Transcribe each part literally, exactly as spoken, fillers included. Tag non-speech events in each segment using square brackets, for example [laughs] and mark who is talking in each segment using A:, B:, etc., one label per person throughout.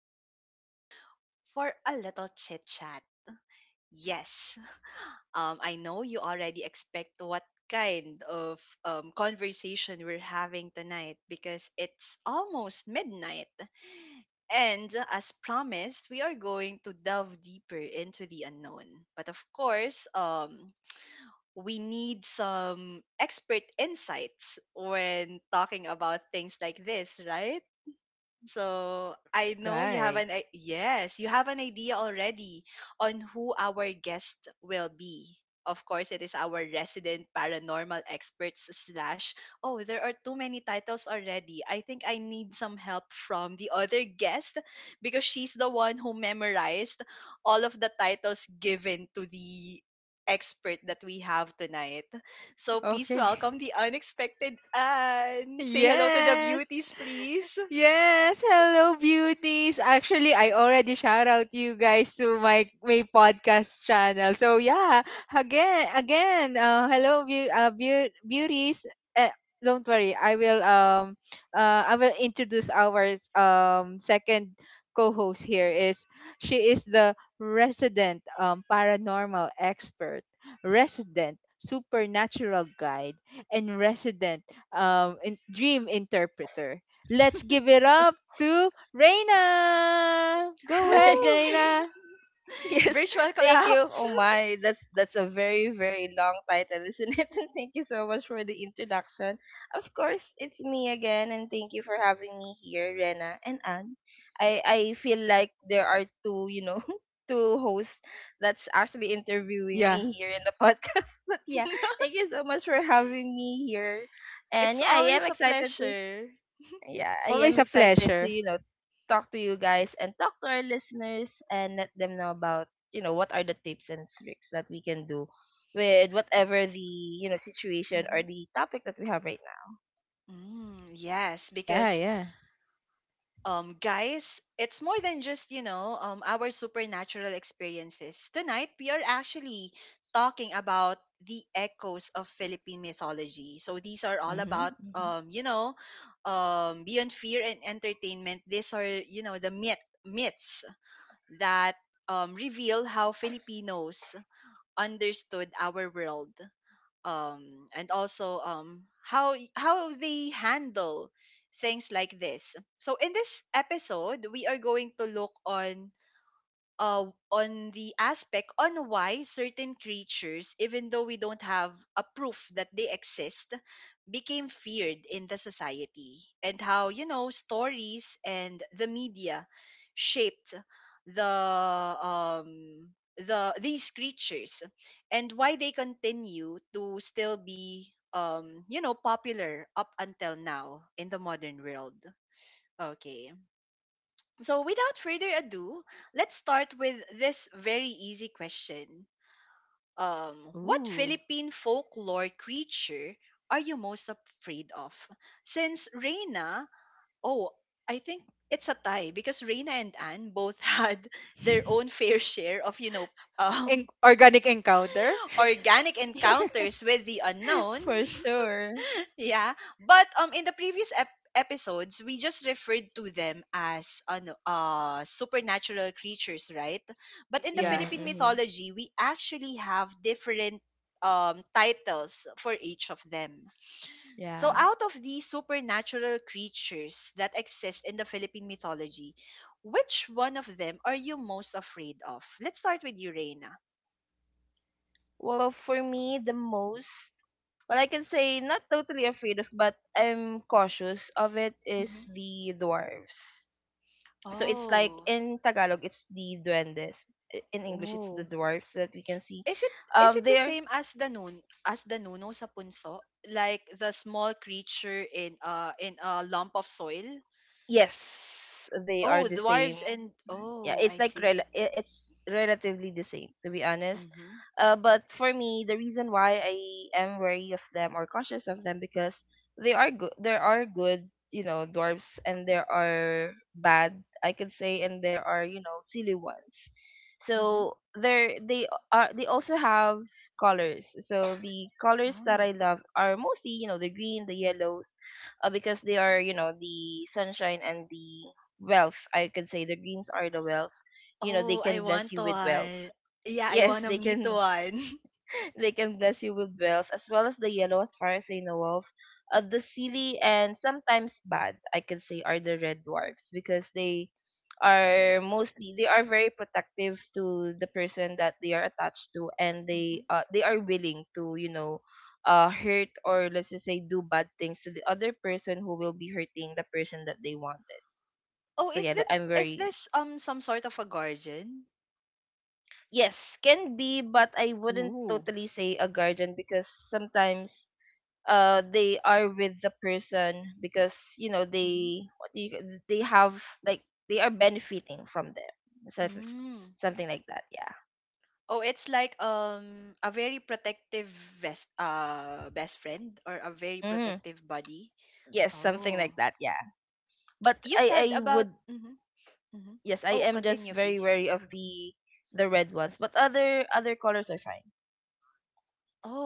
A: unite for a little chit chat. Yes, um, I know you already expect what kind of um, conversation we're having tonight because it's almost midnight. And as promised, we are going to delve deeper into the unknown. But of course, um, we need some expert insights when talking about things like this, right? So I know you have
B: Right.
A: an i- yes, you have an idea already on who our guest will be. Of course, it is our resident paranormal experts slash. Oh, there are too many titles already. I think I need some help from the other guest because she's the one who memorized all of the titles given to the expert that we have tonight. So please
B: Okay.
A: welcome the unexpected Anne. Say hello to the
B: [laughs] Yes.
A: beauties, please.
B: Yes, hello beauties. Actually, I already shout out you guys to my my podcast channel. So yeah, again, again, uh, hello beau- uh, beau- beauties. Uh, don't worry, I will um uh I will introduce our um second co-host here is she is the resident um paranormal expert, resident supernatural guide, and resident um in- dream interpreter. Let's give it up to Reina. Go ahead,
C: Hi.
A: Woo!
C: [laughs]
B: Reina.
A: [laughs]
C: Yes,
A: Virtual
C: thank you.
A: collapse.
C: Oh my, that's that's a very very long title, isn't it? [laughs] And thank you so much for the introduction. Of course, it's me again, and thank you for having me here, Rena and Anne. I I feel like there are two, you know, [laughs] two hosts that's actually interviewing
B: Yeah.
C: me here in the [laughs] podcast. But yeah,
A: [laughs]
C: thank you so much for having me here, and
A: It's
C: yeah, I am
A: always a
C: excited to
A: pleasure.
C: yeah, I
B: Always
C: am
B: a
C: excited to,
B: pleasure.
C: you know, talk to you guys and talk to our listeners and let them know about, you know, what are the tips and tricks that we can do with whatever the, you know, situation
A: hmm
C: or the topic that we have right
A: Mm, yes,
B: Yeah,
A: because
B: yeah.
A: um, guys, it's more than just you know um our supernatural experiences. Tonight we are actually talking about the echoes of Philippine mythology. So these are
C: now.
A: all about
C: Mm-hmm,
A: um you know um beyond fear and entertainment. These are you know the myth myths that um reveal how Filipinos understood our world, um and also, um how how they handle things like this. So in this episode we are going to look on, uh, on the aspect on why certain creatures, even though we don't have a proof that they exist, became feared in the society, and how you know stories and the media shaped the um the these creatures and why they continue to still be, um you know popular up until now in the modern world. Okay, so, without further ado, let's start with this very easy question. Um, what
B: Ooh.
A: Philippine folklore creature are you most afraid of? Since Reina, oh, I think it's a tie because Reina and Anne both [laughs] had their own fair share of, you know,
B: En-
A: um,
B: organic encounter.
A: [laughs] organic
C: mm-hmm.
A: encounters with the
C: [laughs]
A: unknown.
C: For sure.
A: Yeah, but um in the previous ep- episodes we just referred to them as ano, uh supernatural creatures, right? But in the
C: Mm-hmm,
B: Yeah.
A: Philippine
C: mm-hmm.
A: mythology, we actually have different um titles for each of them. So
C: Yeah.
A: out of these supernatural creatures that exist in the Philippine mythology, which one of them are you most afraid of? Let's start with you, Reina.
C: Well, for me, the most, well, I can say not totally afraid of, but I'm cautious of it is
A: Mhm.
C: the dwarves. So it's like
A: Oh.
C: in Tagalog, it's the duendes. I- In English, it's
B: Oh.
C: the dwarfs that we can see.
A: Is it is
C: Um,
A: it the
C: they're
A: same as the nun as the nuno sa punso? Like the small creature in uh in a lump of soil?
C: Yes, they are
A: Oh,
C: the same.
A: dwarves and
C: Yeah,
A: oh,
C: it's
A: I
C: like rel-
A: see.
C: i- it's relatively the same, to be honest.
A: Mhm.
C: Uh, but for me, the reason why I am wary of them or cautious of them, because they are good there are good, you know dwarfs, and there are bad, I could say, and there are, you know silly ones.
A: Mhm.
C: So there, they are they also have colors, so the colors that
A: Oh.
C: I love are mostly, you know the green, the yellows, uh, because they are, you know the sunshine and the wealth. I could say the greens are the wealth. You know, they
A: Oh, I
C: can bless
A: want
C: you with wealth.
A: one.
C: [laughs]
A: Yeah, I
C: Yes,
A: want to
C: they
A: meet
C: can
A: one. [laughs]
C: [laughs] they can bless you with wealth, as well as the yellow as far as I know of. Uh, the silly and sometimes bad, I could say, are the red dwarfs, because they are mostly they are very protective to the person that they are attached to, and they
A: hmm
C: uh they are willing to, you know, uh hurt, or let's just say, do bad things to the other person who will be hurting the person that they wanted.
A: Oh,
C: So
A: is
C: yeah,
A: that,
C: that I'm
A: is
C: very.
A: this um some sort of a guardian?
C: Yes, can be, but I wouldn't
B: Ooh.
C: totally say a guardian, because sometimes uh they are with the person, because you know
A: hmm
C: they what do you, they have like they are benefiting from them, certain,
A: Mm.
C: something like that, yeah.
A: Oh, it's like um a very protective best uh best friend or a very
C: Mm-hmm.
A: protective buddy.
C: Yes, something
A: Oh.
C: like that, yeah. But
A: You
C: I
A: said
C: I
A: about
C: would.
A: hmm hmm
C: Yes, I
A: oh,
C: am just
A: continue
C: very
A: please.
C: wary of the the red ones, but other other colors are fine.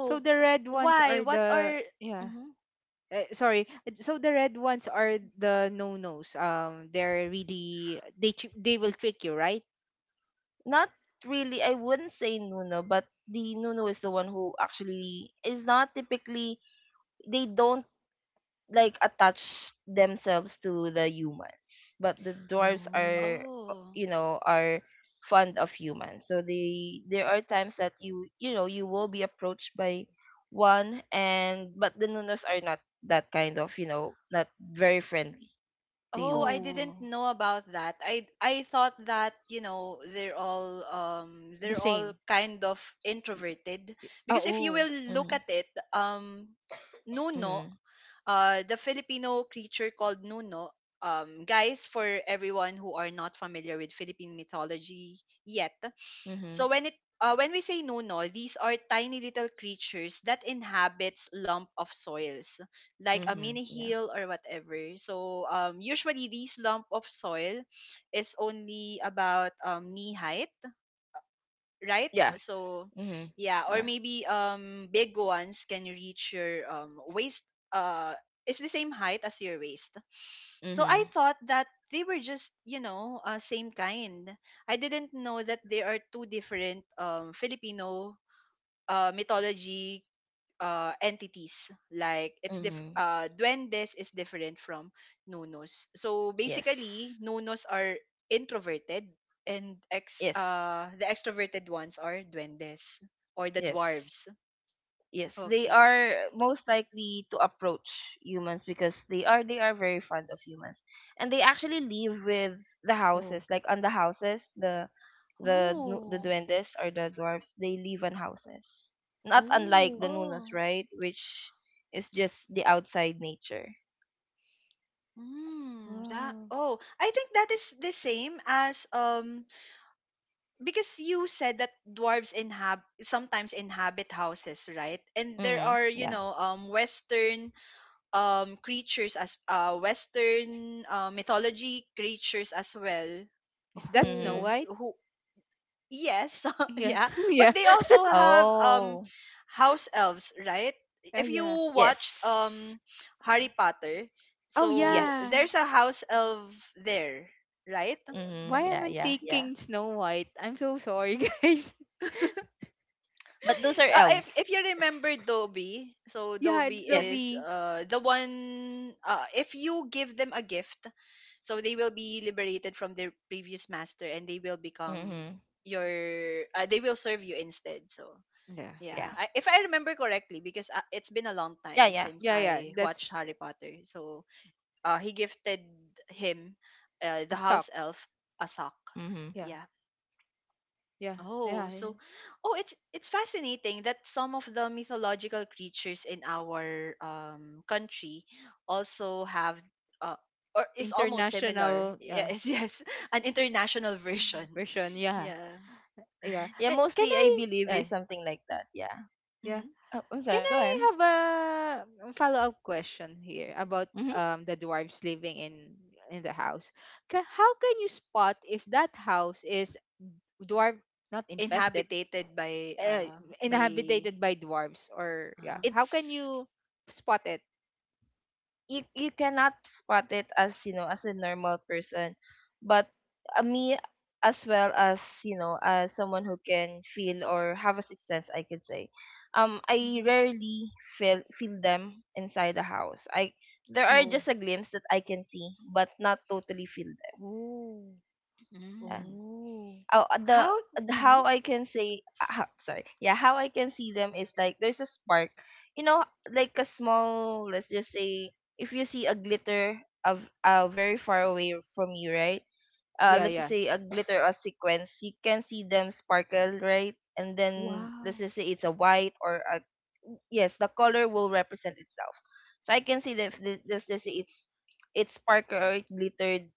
B: So the
A: w-
B: red ones
A: Why
B: are
A: what
B: the,
A: are
B: yeah.
A: hmm
B: Eh, sorry. Eh, So the red ones are the no-nos. Um they're really they tr- they will trick you, right?
C: Not really, I wouldn't say Nuno, but the Nuno is the one who actually is not typically, they don't like attach themselves to the humans, but the dwarves
B: Oh.
C: are, uh,
A: oh,
C: you know are fond of humans. So they there are times that you you know you will be approached by one, and but the nunos are not that kind of, you know not very friendly to
A: oh, I
C: humans.
A: didn't
B: Oh.
A: know about that. I i thought that, you know, they're all um
B: The
A: they're all
B: same.
A: kind of introverted
B: Y- ah,
A: because if you
B: Oh.
A: will look
C: Mm-hmm.
A: at it, um nuno,
C: Mm-hmm.
A: uh the Filipino creature called nuno, um guys, for everyone who are not familiar with Philippine mythology yet.
C: Mm-hmm,
A: So when it uh, when we say nuno, these are tiny little creatures that inhabits lump of soils, like a
C: mm-hmm.
A: mini
C: Yeah.
A: hill or whatever. So um, usually these lump of soil is only about, um, knee height, right?
C: Yeah.
A: So
C: Mm-hmm.
A: yeah, or
C: Yeah.
A: maybe, um, big ones can reach your, um, waist. Uh, it's the same height as your waist. So I
C: Mm-hmm.
A: thought that they were just, you know, uh, same kind. I didn't know that there are two different, um, Filipino, uh, mythology, uh, entities. Like it's diff-
C: Mm-hmm.
A: uh, duendes is different from nunos. So
C: Yes.
A: basically, nunos are introverted and ex
C: Yes.
A: uh, the extroverted ones are duendes or the
C: Yes.
A: dwarves.
C: Yes, they
A: Okay.
C: are most likely to approach humans because they are they are very fond of humans, and they actually live with the
B: Oh.
C: houses. Like on the houses, the the nu- the
A: Oh.
C: duendes or the dwarfs, they live on houses. Not unlike
B: Oh.
C: the nunas,
A: Oh.
C: right? Which is just the outside nature.
A: Mm, that,
B: Ah.
A: oh, I think that is the same as um because you said that dwarves inhab sometimes inhabit houses, right? And there
C: Mhm.
A: are, you
C: Yeah.
A: know, um Western um creatures as uh Western, uh, mythology creatures as well,
B: Is that Snow
A: who
C: Mhm.
B: White?
A: who
B: [laughs]
A: yes, [laughs]
B: Yeah.
A: yeah.
B: [laughs] Yeah.
A: But they also have um
C: Oh,
A: house elves, right?
B: Uh,
A: If you
B: yeah.
C: yes,
A: watched um Harry Potter,
B: Oh
A: so
C: yes.
B: yeah.
A: there's a house elf there, right? [laughs]
B: Why
C: Mhm.
B: am
C: Yeah,
B: I
C: yeah, yeah.
B: thinking Snow White? I'm so sorry, [laughs] guys.
C: But those are
A: Uh, if
C: elves.
A: if you remember Dobby, so
B: Yeah, it's
A: Dobby
B: the
A: is
C: Yes.
B: bee.
A: uh the one, uh if you give them a gift, so they will be liberated from their previous master and they will become
C: Mhm.
A: your, uh, they will serve you instead. So
B: Yeah.
A: yeah,
C: Yeah.
A: I, if I remember correctly, because uh, it's been a long
C: Yeah,
A: time
C: yeah.
A: since
B: Yeah, yeah.
A: I watched
B: That's
A: Harry Potter. So uh, he gifted him, uh, the
B: a
A: house
B: sock.
A: elf, a sock.
C: Mhm.
B: Yeah.
A: Yeah.
B: Yeah.
A: Oh,
B: Yeah.
A: so, oh, it's it's fascinating that some of the mythological creatures in our, um, country also have, uh, or is almost similar.
B: International, yeah,
A: Yes, [laughs] yes, an international version. [laughs]
B: version. Yeah.
A: Yeah.
B: Yeah.
A: hmm
C: Yeah,
B: And can
C: mostly I
B: I
C: believe
B: eh,
C: is something like that. Yeah.
B: Yeah.
A: hmm
C: Oh, I'm
B: Can
C: sorry. Go ahead.
B: I have a follow-up question here about
C: Hmm.
B: um the dwarves living in in the house? Ca How can you spot if that house is dwarf not infested,
A: Inhabited by
B: uh,
A: uh by.
B: inhabited by dwarves, or,
A: Uh-huh.
B: yeah, how can you
C: It's
B: spot it?
C: you. You cannot spot it as you know as a normal person, but uh, me, as well as you know as someone who can feel or have a sixth sense, I could say. Um, I
A: Mhm,
C: rarely feel feel them inside the house. I There are
A: mhm,
B: Oh.
C: just a glimpse that I can see, but not totally feel them.
B: Oh.
A: mm.
B: Oh.
C: Oh, uh, the uh,
A: How?
C: the-
A: Mhm,
C: how I can say uh, ho- sorry yeah how I can see them is like there's a spark, you know like a small, let's just say. If you see a glitter of uh very far away from you, right. Uh
B: Yeah,
C: let's just
B: yeah.
C: say a glitter or sequence, you can see them sparkle, right, and then let's
B: Wow.
C: just say it's a white or a. Yes, the color will represent itself. So I can see that if this, let's just say, it's it's sparkle or it glittered,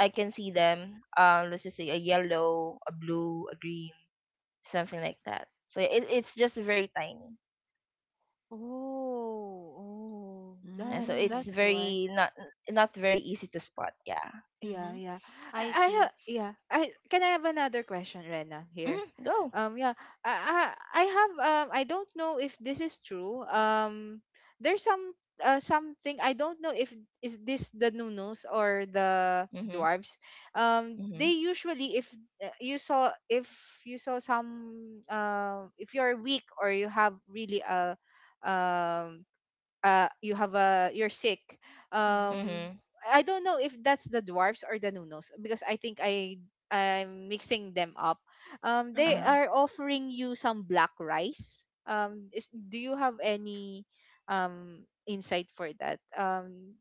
C: I can see them. Um, let's just say a yellow, a blue, a green, something like that. So it, it's just very tiny,
B: Oh. Oh.
C: and
B: That
C: so it's
A: mm,
B: that's why.
C: very not not very easy to spot. Yeah.
B: Yeah,
A: mhm.
B: yeah. I,
A: I
B: I have,
A: see.
B: yeah. I can I have another question, Rena, here?
C: Hmm. Go.
B: Um yeah. I I, I have, um I don't know if this is true. Um there's some, uh, something, I don't know if is this the Nunos or the
C: Mhm.
B: dwarves. Um
C: Mhm.
B: they usually, if, uh, you saw, if you saw some, um if you're weak or you have really a, um uh you have a, you're sick,
A: Mhm,
B: um
C: Mhm.
B: I don't know if that's the dwarfs or the nunos, because i think i i'm mixing them up, um
C: Uh
B: they
A: uh-huh,
C: huh.
B: are offering you some black rice, um is, do you have any um insight for that, um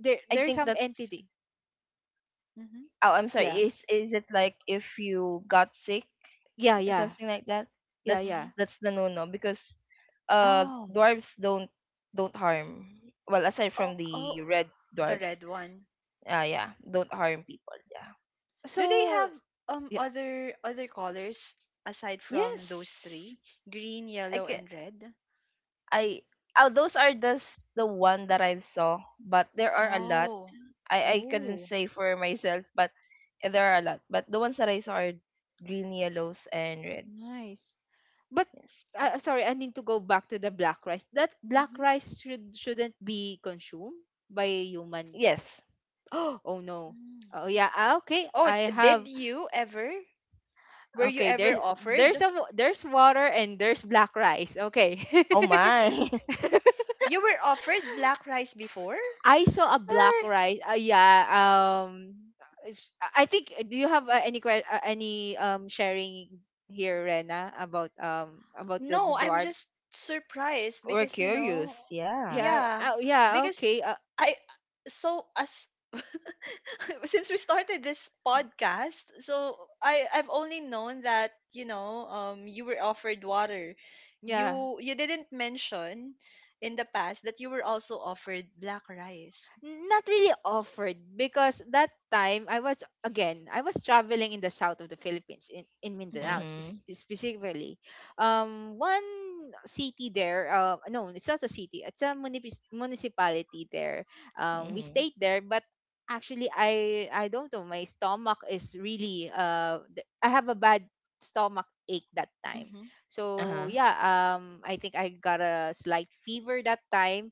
B: there
C: I
B: there's
C: think
B: some
C: that's.
B: entity?
A: mhm,
C: Oh, I'm sorry.
B: Yeah,
C: Is is it like if you got sick,
B: yeah. Yeah,
C: something like that?
B: yeah,
C: That's
A: mhm.
B: yeah.
C: that's the no no, because, uh,
B: Oh.
C: dwarves don't don't harm. Well, aside
A: Oh,
C: from the
A: oh,
C: red
A: the
C: dwarves,
A: red one.
C: uh, yeah, don't harm people. Yeah.
A: Do they
B: So,
A: have um
B: yeah.
A: other other colors aside from those
C: Yes.
A: three? Green,
C: I
A: yellow,
C: ca-
A: and red?
C: I Oh, those are just the one that I saw, but there are a lot.
A: Oh.
C: I I couldn't
B: Oh.
C: say for myself, but there are a lot. But the ones that I saw are green, yellows, and reds.
B: Nice. But,
C: Yes.
B: uh,
A: Mhm,
B: sorry, I need to go back to the black rice. That black
A: mhm,
B: rice should shouldn't be consumed by human.
C: Yes.
B: [gasps] Oh no.
A: mm.
B: Oh yeah. ah, Okay,
A: Oh,
B: I
A: did
B: have.
A: you ever? Were you
B: Okay,
A: ever
B: there's there's
A: offered?
B: a wa- there's water and there's black rice. Okay.
C: Oh my. [laughs]
B: [laughs]
A: You were offered black rice before?
B: I saw a black
C: There-
B: rice. Uh, yeah. Um. it's- I think. Do you have, uh, any que- uh, any um sharing here, Rena, about um about the, the
A: No, I'm
B: dwarf?
A: just surprised
C: We're
A: because, you
C: curious.
A: know,
C: Yeah.
B: Yeah.
A: yeah,
B: Uh, yeah.
A: because
B: Okay. Uh,
A: I, so as [laughs] since we started this podcast, so I I've only known that, you know, um you were offered water.
B: yeah.
A: You you didn't mention in the past that you were also offered black rice.
B: Not really offered, because that time I was again I was traveling in the south of the Philippines in in
A: Mhm.
B: Mindanao, spec-
C: Mhm.
B: specifically um one city there, uh no, it's not a city, it's a munipis municipality there. Um we
C: Mhm.
B: stayed there, but actually I I don't know, my stomach is really, uh th- I have a bad stomach ache that time.
A: Mhm.
C: Uh
B: So
C: huh.
B: yeah, um I think I got a slight fever that time.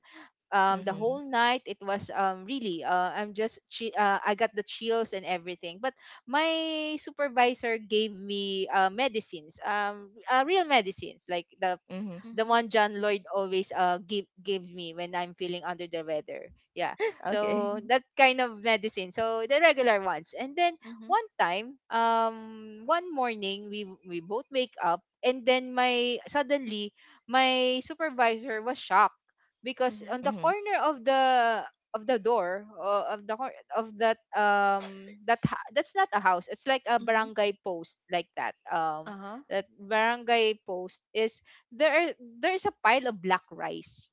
B: um The
C: Mhm.
B: whole night, it was, um really, uh, i'm just chi- uh, I got the chills and everything, but my supervisor gave me, uh, medicines, um uh, real medicines, like the
C: Mhm.
B: the
A: Mhm.
B: one John Lloyd always uh give gives me when I'm feeling under the weather. Yeah.
C: [laughs]
A: Mhm.
B: So
C: Okay.
B: that kind of medicine. So the regular ones. And then
A: Mhm.
B: one time, um one morning, we we both wake up, and then my suddenly my supervisor was shocked because
A: Mhm.
B: on the
C: Mhm.
B: corner of the of the door, uh, of the cor- of that, um that ha- that's not a house, it's like a
A: Mhm.
B: barangay post like that, um
A: Uh-huh.
B: that barangay post is, there are there's a pile of black rice.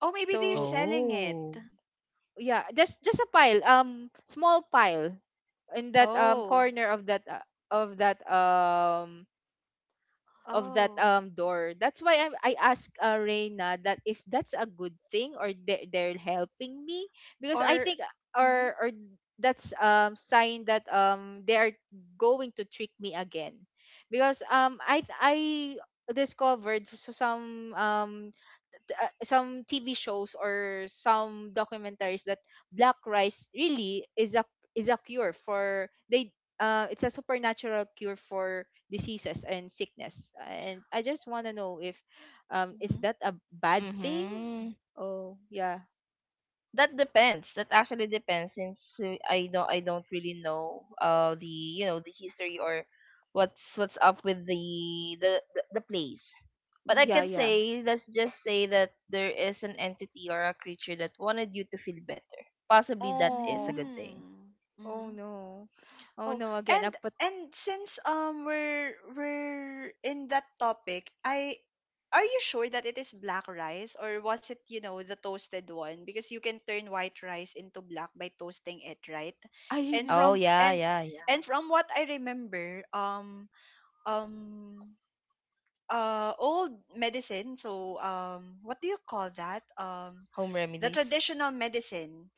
A: Oh, maybe they're
B: So
A: selling it.
C: Oh.
B: yeah, just just a pile, um, small pile in that um
A: Oh.
B: corner of that, uh, of that um of that
A: Oh.
B: um door. That's why I I asked, uh, Reina, that if that's a good thing or they they're helping me, because I
A: Or
B: think,
A: mhm,
B: or or that's um sign that um they are going to trick me again, because, um I I discovered so some, um uh, some T V shows or some documentaries that black rice really is a is a cure for they, uh it's a supernatural cure for diseases and sickness. And I just want to know if, um is
A: mhm,
B: that a bad thing?
C: Mhm.
B: Oh, yeah.
C: That depends. That actually depends, since uh, I don't I don't really know uh the you know the history, or what's what's up with the the the, the place. But I
B: Yeah,
A: mhm.
C: can
B: yeah.
C: say, let's just say, that there is an entity or a creature that wanted you to feel better. Possibly that is
B: Oh,
C: a good thing.
A: Mm,
B: oh
A: mhm.
B: no. Oh
A: Oh,
B: no again.
A: and
B: Uh, But
A: and since um we're we're in that topic, I, are you sure that it is black rice or was it, you know, the toasted one? Because you can turn white rice into black by toasting it, right?
B: I
A: And
B: really
C: Oh
B: don't,
A: from
C: yeah,
A: and
C: yeah, yeah.
A: and from what I remember, um um uh old medicine, so um what do you call that, um
C: Home
A: the
C: remedies.
A: traditional medicine,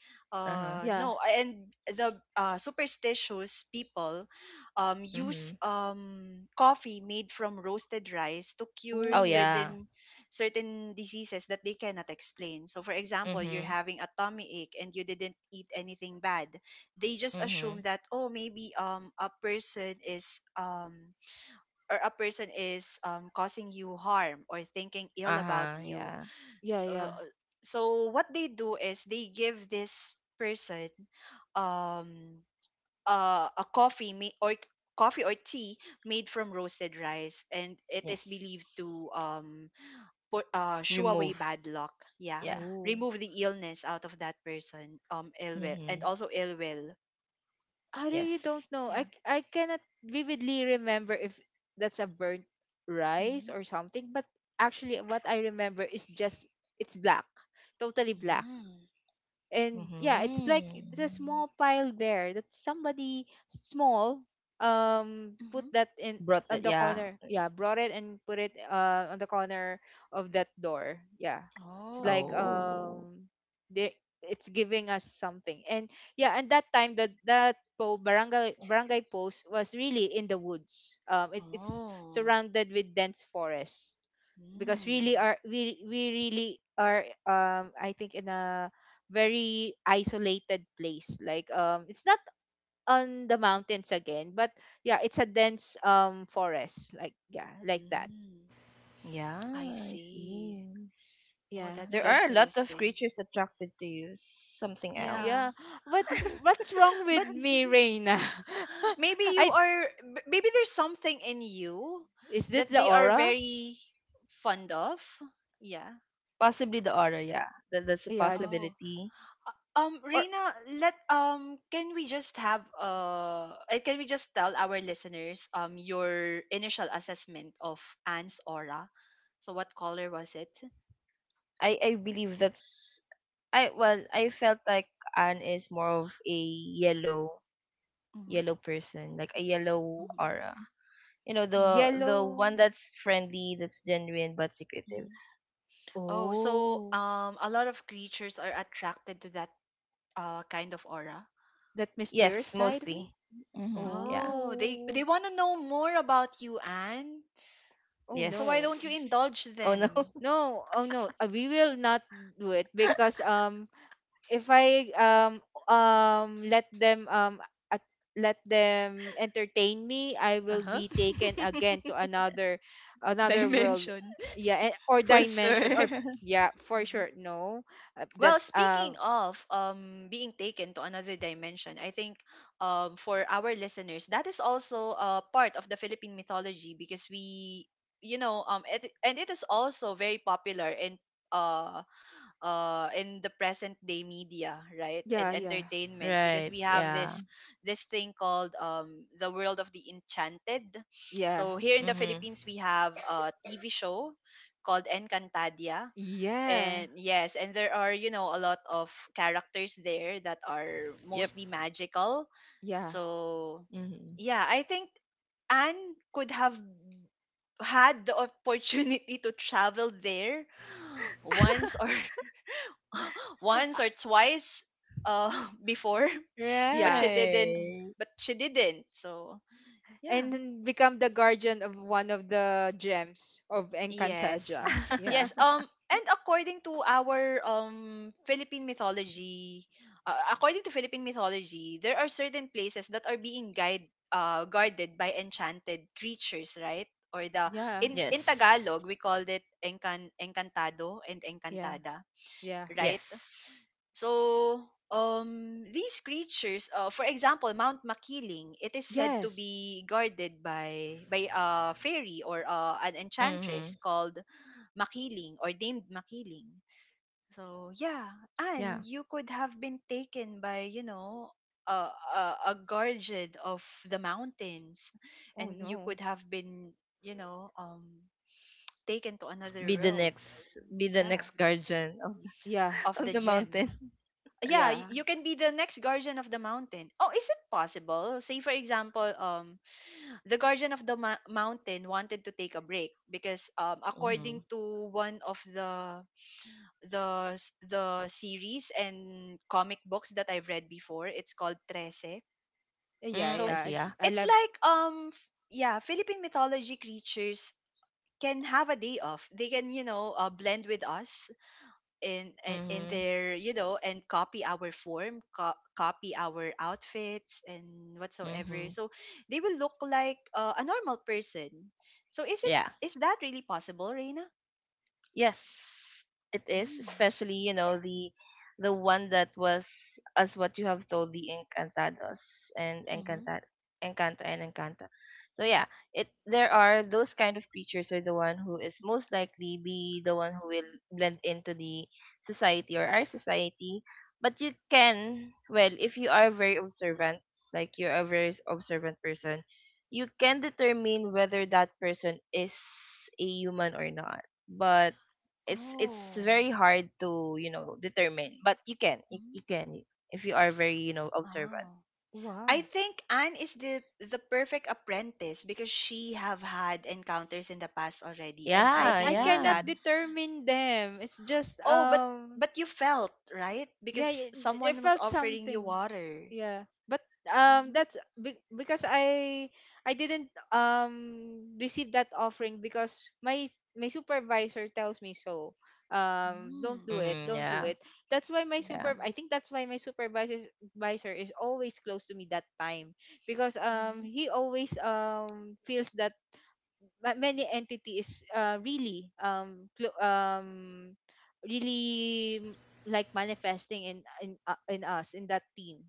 C: Uh-huh.
B: yeah.
A: uh no and the, uh, superstitious people um use
C: Mhm.
A: um coffee made from roasted rice to cure
C: Oh
B: Oh.
C: yeah.
A: certain certain diseases that they cannot explain. So for example, you're
C: Mhm.
A: having a tummy ache and you didn't eat anything bad, they just assume
C: Mhm.
A: that, oh, maybe um a person is, um or a person is, um, causing you harm or thinking ill about
C: Uh-huh.
A: you.
C: Yeah.
B: Yeah,
A: Uh,
B: yeah.
A: so what they do is they give this person, um, uh, a coffee ma- or coffee or tea made from roasted rice, and it is
C: Yes.
A: believed to, um, put, uh, shoo away
C: Remove.
A: bad luck. Yeah,
C: Yeah.
B: Oh.
A: remove the illness out of that person, um, ill will, and
C: Mhm.
A: also ill will.
B: I really
C: Yes.
B: don't know. I
A: Yeah.
B: c- I cannot vividly remember if that's a burnt rice
A: Mm-hmm.
B: or something, but actually what I remember is just it's black, totally black.
A: Mm-hmm.
B: And yeah, it's like it's a
C: Mhm.
B: small pile there that somebody small, um put
A: Mm-hmm.
B: that in,
C: Brought
B: on
C: that,
B: the
C: yeah.
B: corner, yeah, brought it and put it, uh on the corner of that door, yeah. It's like,
A: Oh.
C: Oh,
B: um they, it's giving us something. And yeah, and that time, that that po barangay barangay post was really in the woods, um it's it's
A: Oh.
B: surrounded with dense forest, because really,
A: Mm,
B: are we we really are, um I think, in a very isolated place, like, um it's not on the mountains again, but yeah, it's a dense, um forest, like, yeah, like that.
A: mm, I
C: yeah, I see.
A: see. Oh,
B: Yeah,
A: that's
C: There
B: that.
C: are a lot of
A: interesting.
C: creatures attracted to something else.
B: Yeah.
A: Yeah.
B: [gasps]
C: [laughs]
B: what's what's wrong with
A: But
B: me, Reina? [laughs]
A: maybe you
B: I
A: are, b- maybe there's something in you
B: Is it
A: that
B: the
A: they are
B: aura?
A: very fond of. Yeah.
C: Possibly the aura, yeah. That, that's a
B: Yeah, the,
A: Oh.
C: possibility.
A: Um,
B: or
A: Reina, let um can we just have uh uh, can we just tell our listeners um your initial assessment of Anne's aura? So what color was it?
C: I, I believe that's I well, I felt like Anne is more of a yellow
A: Mm-hmm.
C: yellow person, like a yellow
A: Mm-hmm.
C: aura. You know, the the
B: yellow.
C: one that's friendly, that's genuine but secretive.
A: Oh, so,
B: Oh,
A: um, a lot of creatures are attracted to that, uh, kind of aura.
B: that mysterious
C: Yes,
B: side of me.
C: mostly. Mm-hmm. Yeah.
A: Oh, they
B: Oh.
A: they want to know more about you, Anne.
B: Oh
C: Yes.
A: So why
B: no.
A: don't you indulge
C: Oh no.
A: them?
B: No, oh no, uh, we will not do it because, um if I, um um let them, um at, let them entertain me, I
A: Uh
B: will
A: huh.
B: be taken again to
C: [laughs]
B: another,
A: [laughs]
B: another world,
A: Dimension.
B: yeah, and, or
C: For sure.
B: dimension, or,
C: [laughs]
B: yeah, for
A: Mhm.
B: sure. No, uh, that,
A: Well, speaking
B: uh
A: of um being taken to another dimension, I think um for our listeners that is also a part of the Philippine mythology, because we, you know, um it, and it is also very popular in uh uh, in the present day media, right, and
B: yeah, yeah,
A: entertainment, because
C: Right.
A: we have
C: Yeah.
A: this this thing called, um, the world of the enchanted.
B: yeah,
A: So here in the
C: Mhm.
A: Philippines, we have a T V show called Encantadia.
B: yeah,
A: And yes, and there are, you know, a lot of characters there that are
C: Yep.
A: mostly magical.
B: yeah.
A: So
C: Mhm.
A: yeah, I think Anne could have had the [laughs] opportunity to travel there once or [laughs] [laughs] once or
B: [gasps]
A: twice uh [laughs] before, but
B: Yeah,
A: she didn't
C: Right.
A: but she didn't. So yeah,
B: and then become the guardian of one of the gems of
A: yes,
B: Encantaja. Yeah.
A: yes,
C: [laughs]
A: um and according to our um philippine mythology uh, according to Philippine mythology, there are certain places that are being guide uh guarded by enchanted creatures, right? Or the,
B: Yeah.
A: in in
C: Yes.
A: Tagalog, we called it encan encantado and
B: Yeah,
A: encantada,
B: yeah.
A: right?
C: Yes.
A: So, um, these creatures, uh, for example, Mount Makiling, it is said to
B: Yes.
A: be guarded by by a fairy or, uh, an enchantress
C: Mhm.
A: called Makiling or named Makiling. So, yeah, and
C: Yeah.
A: you could have been taken by, you know, a, a, a guardian of the mountains,
B: Oh
A: and you
B: no.
A: could have been, you know, um, taken to another
C: Be the
A: world.
C: next be the next
A: Yeah,
C: guardian of
B: Yeah,
A: of
C: [laughs]
A: the
C: of the
A: gem.
C: mountain.
A: Yeah, y-
B: yeah,
A: you can be the next guardian of the mountain. Oh, is it possible? Say for example, um, the guardian of the ma- mountain wanted to take a break because, um, according
C: Mhm.
A: to one of the the s- the series and comic books that I've read before, it's called Trece.
B: yeah,
C: Mm,
A: So
C: I
B: yeah.
C: see.
B: I,
C: Yeah.
B: I
A: it's
B: love.
A: like um f- yeah Philippine mythology creatures can have a day off. They can, you know uh, blend with us in in in
C: Mhm.
A: their, you know and copy our form, co- copy our outfits and whatsoever,
C: Mhm.
A: so they will look like uh, a normal person. So is it,
C: Yeah.
A: is that really possible, Reina?
C: Yes, it is,
A: Mm.
C: especially, you know, the the one that was, as what you have told, the Encantados and
A: Mm-hmm.
C: Encanta Encanta and Encanta. So yeah, it there are those kind of creatures, are the one who is most likely be the one who will blend into the society, or our society. But you can, well, if you are very observant, like you're a very s- observant person, you can determine whether that person is a human or not. But it's it's
A: Oh.
C: very hard to, you know determine, but you can you,
A: Mhm.
C: you can if you are very you know observant.
A: Oh. I
B: Wow.
A: think Anne is the the perfect apprentice, because she have had encounters in the past already, and I
B: But
C: Yeah,
B: I
A: believe
C: yeah.
B: cannot
A: that.
B: determine them. It's just,
A: Oh, but
B: um
A: but you felt right,
B: yeah,
A: because
B: it, it
A: someone was
B: felt
A: offering you
B: something,
A: water.
B: yeah, but, um that's be- because i i didn't, um receive that offering, because my s- my supervisor tells me so, um don't do
A: Mm.
B: it,
C: Mm-hmm.
B: don't do
C: Yeah,
B: it. That's why my
C: yeah,
B: super I
A: Mm.
B: think that's why my supervisor supervisor is always close to me that time, because, um
A: Mhm.
B: he always, um feels that ma- many entities, uh, really, um clo- um really m- like manifesting in in uh, in us in that team,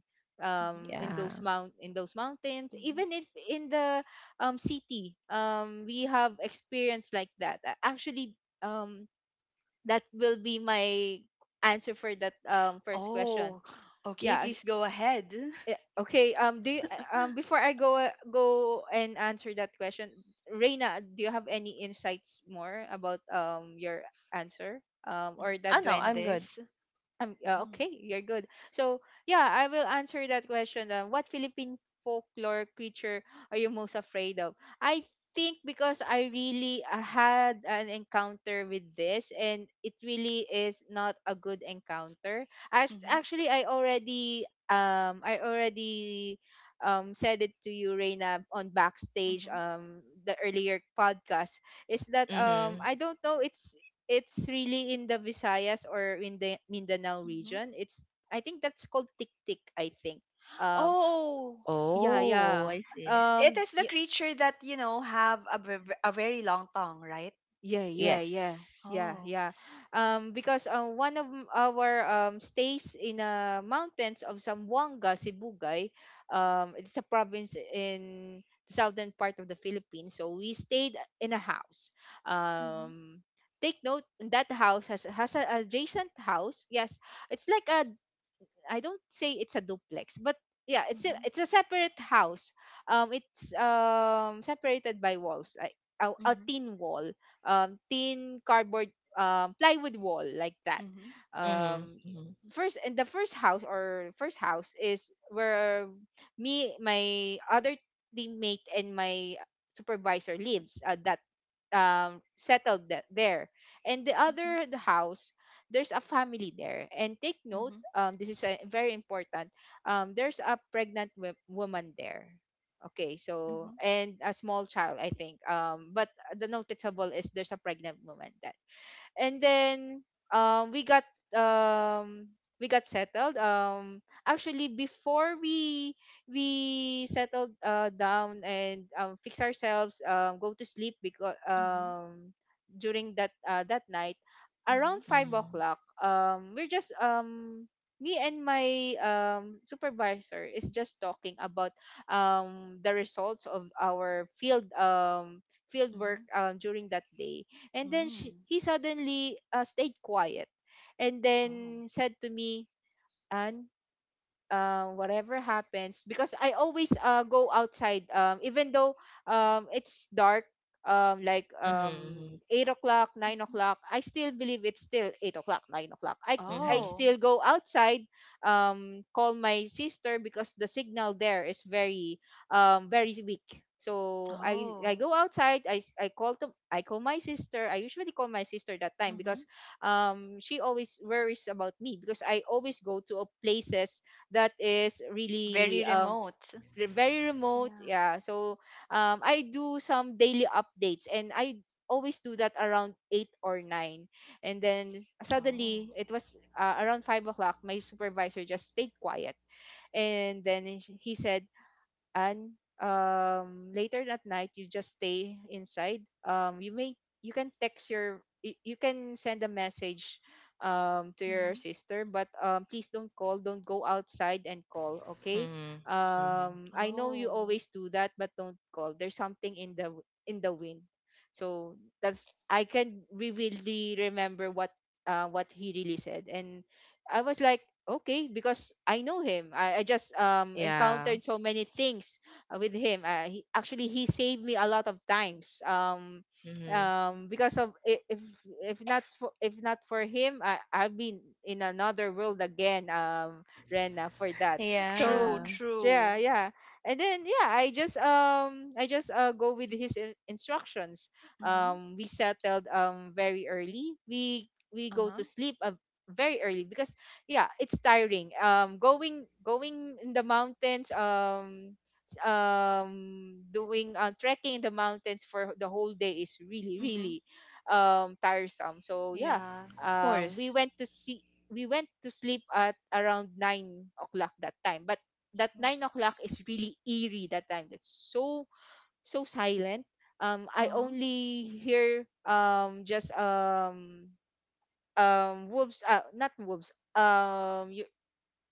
A: Mhm.
B: um in
C: yeah.
B: those mount in those mountains,
A: Mhm.
B: even if in the, um city, um we have experience like that. A- actually, um that will be my answer for that, um first question.
A: Oh, okay,
B: Yeah.
A: please go ahead.
B: Eh,
A: [laughs]
B: Okay, um do you, uh, um before I go, uh, go and answer that question, Reina, do you have any insights more about, um your answer? Um or
A: Mhm.
C: Oh no,
B: that's,
C: I'm good.
A: Duendes.
B: um, uh,
A: Mhm.
B: okay, you're good. So, yeah, I will answer that question. Uh, what Philippine folklore creature are you most afraid of? I think, because I really, uh, had an encounter with this, and it really is not a good encounter. As
A: Mhm.
B: actually, I already um I already, um said it to you, Reina, on backstage,
A: Mhm.
B: um the earlier podcast. Is that, um
C: Mm-hmm.
B: I don't know. It's it's really in the Visayas or in the Mindanao
A: Mhm.
B: region. It's I think that's called tik tik. I think. Um.
A: Oh,
B: Yeah.
C: Oh,
B: Yeah.
C: I see.
A: i- it
B: Um.
A: is the
B: Yeah.
A: creature that, you know, have a, ve- a very long tongue, right?
B: Yeah. Yeah.
C: Yes.
B: Yeah. Yeah.
A: Oh.
B: Yeah. Um. Because, uh, one of m- our, um stays in, uh mountains of Zamboanga, Sibugay. Um. It's a province in southern part of the Philippines. So we stayed in a house.
A: Mhm.
B: Um. Take note that house has has an adjacent house. Yes, it's like a, I don't say it's a duplex, but yeah, it's a
A: Mhm.
B: it's a separate house. Um, it's, um separated by walls, like a, a
A: Mhm.
B: tin wall, um, tin cardboard, um, plywood wall like that.
A: Mhm.
C: Mm-hmm,
B: Um,
C: mm-hmm,
B: first and The first house, or first house is where me, my other teammate, and my supervisor lives. Uh, that, um settled that there, and the
A: Mhm.
B: other, the house, there's a family there, and take note,
A: Mhm.
B: um, this is a, very important. Um, there's a pregnant wo- woman there. Okay, so
A: Mhm.
B: and a small child, I think. Um, but the noticeable is there's a pregnant woman that, and then um we got um we got settled, um actually before we we settled uh down and um fix ourselves, um go to sleep because
A: Mhm.
B: um during that uh that night
A: Mhm.
B: around five
C: mm-hmm,
B: o'clock um we're just um me and my um supervisor is just talking about um the results of our field um field
A: Mhm.
B: work, um, during that day. And then she,
A: Mm.
B: he suddenly uh, stayed quiet and
A: Oh.
B: then said to me, "Anne, uh, whatever happens, because I always uh, go outside um, even though um, it's dark, um, like
C: mm-hmm,
B: um, eight o'clock, nine
A: Mhm.
B: o'clock. I still believe it's still eight o'clock, nine o'clock." i, I
C: mm-hmm,
A: Oh.
B: still go outside, um, call my sister because the signal there is very, um, very weak. So I, I
A: Oh.
B: go outside. I, s- I call to I call my sister. I usually call my sister that time
A: Mhm.
B: because um she always worries about me, because I always go to a places that is
A: Very
B: really, um
A: remote.
B: re- very remote,
A: Yeah.
B: yeah. So um I do some daily updates, and I always do that around eight or nine. And then
A: Oh.
B: suddenly it was, uh, around five o'clock, my supervisor just stayed quiet. And then he he said, "And um, later at night, you just stay inside. Um, you may, you can text your y- you can send a message um, to
A: Mhm.
B: your sister, but um, please don't call, don't go outside and call. Okay,
C: mm-hmm, mm-hmm.
B: um, I know you
A: Oh.
B: always do that, but don't call. There's something in the w- in the wind." So that's, I can re- really remember what uh, what he really said. And I was like, "Okay," because I know him. I, I just, um,
C: Yeah.
B: encountered so many things uh, with him. Uh, he, actually, he saved me a lot of times. Um,
C: Mm-hmm.
B: um, because of i- if if not for, if not for him, I I've been in another world again. Um, Rena for that. So
A: True,
C: Yeah,
A: true.
B: yeah, yeah, and then yeah, I just um I just uh go with his in- instructions.
A: Mhm.
B: Um, we settled um very early. We we go
A: Uh-huh.
B: to sleep uh, very early because yeah, it's tiring, um going going in the mountains, um s- um doing uh, trekking in the mountains for the whole day is really,
A: Mhm.
B: really, um tiresome. So yeah,
A: Yeah.
C: of
B: um we
C: course.
B: went to see we went to sleep at around nine o'clock that time. But that nine o'clock is really eerie that time. That's so so silent. um I
A: Uh-huh.
B: only hear, um just, um um wolves, uh not wolves, um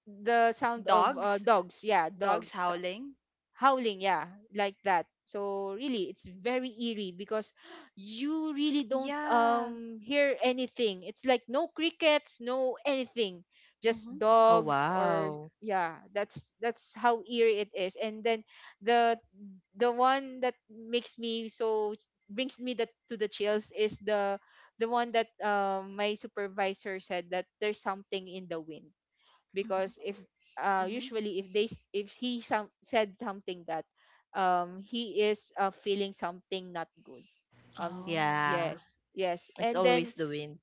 B: the sound of uh,
A: Dogs?
B: dogs, yeah,
A: Dogs
B: dogs
A: howling?
B: howling, yeah, like that. So really it's very eerie because you really don't
A: Yeah.
B: um hear anything. It's like no crickets, no anything, just
A: Mhm.
C: Oh
B: dogs, or
C: wow.
B: yeah, that's that's how eerie it is. And then the the one that makes me so brings me that to the chills is the the one that um my supervisor said, that there's something in the wind.
A: Mhm.
B: Because if, uh,
A: Mhm.
B: usually if they s- if he some, said something that um he is, uh, feeling something not good. um
A: Oh.
C: Yeah,
B: yes, yes.
C: it's
B: And
C: always
B: then
C: the wind.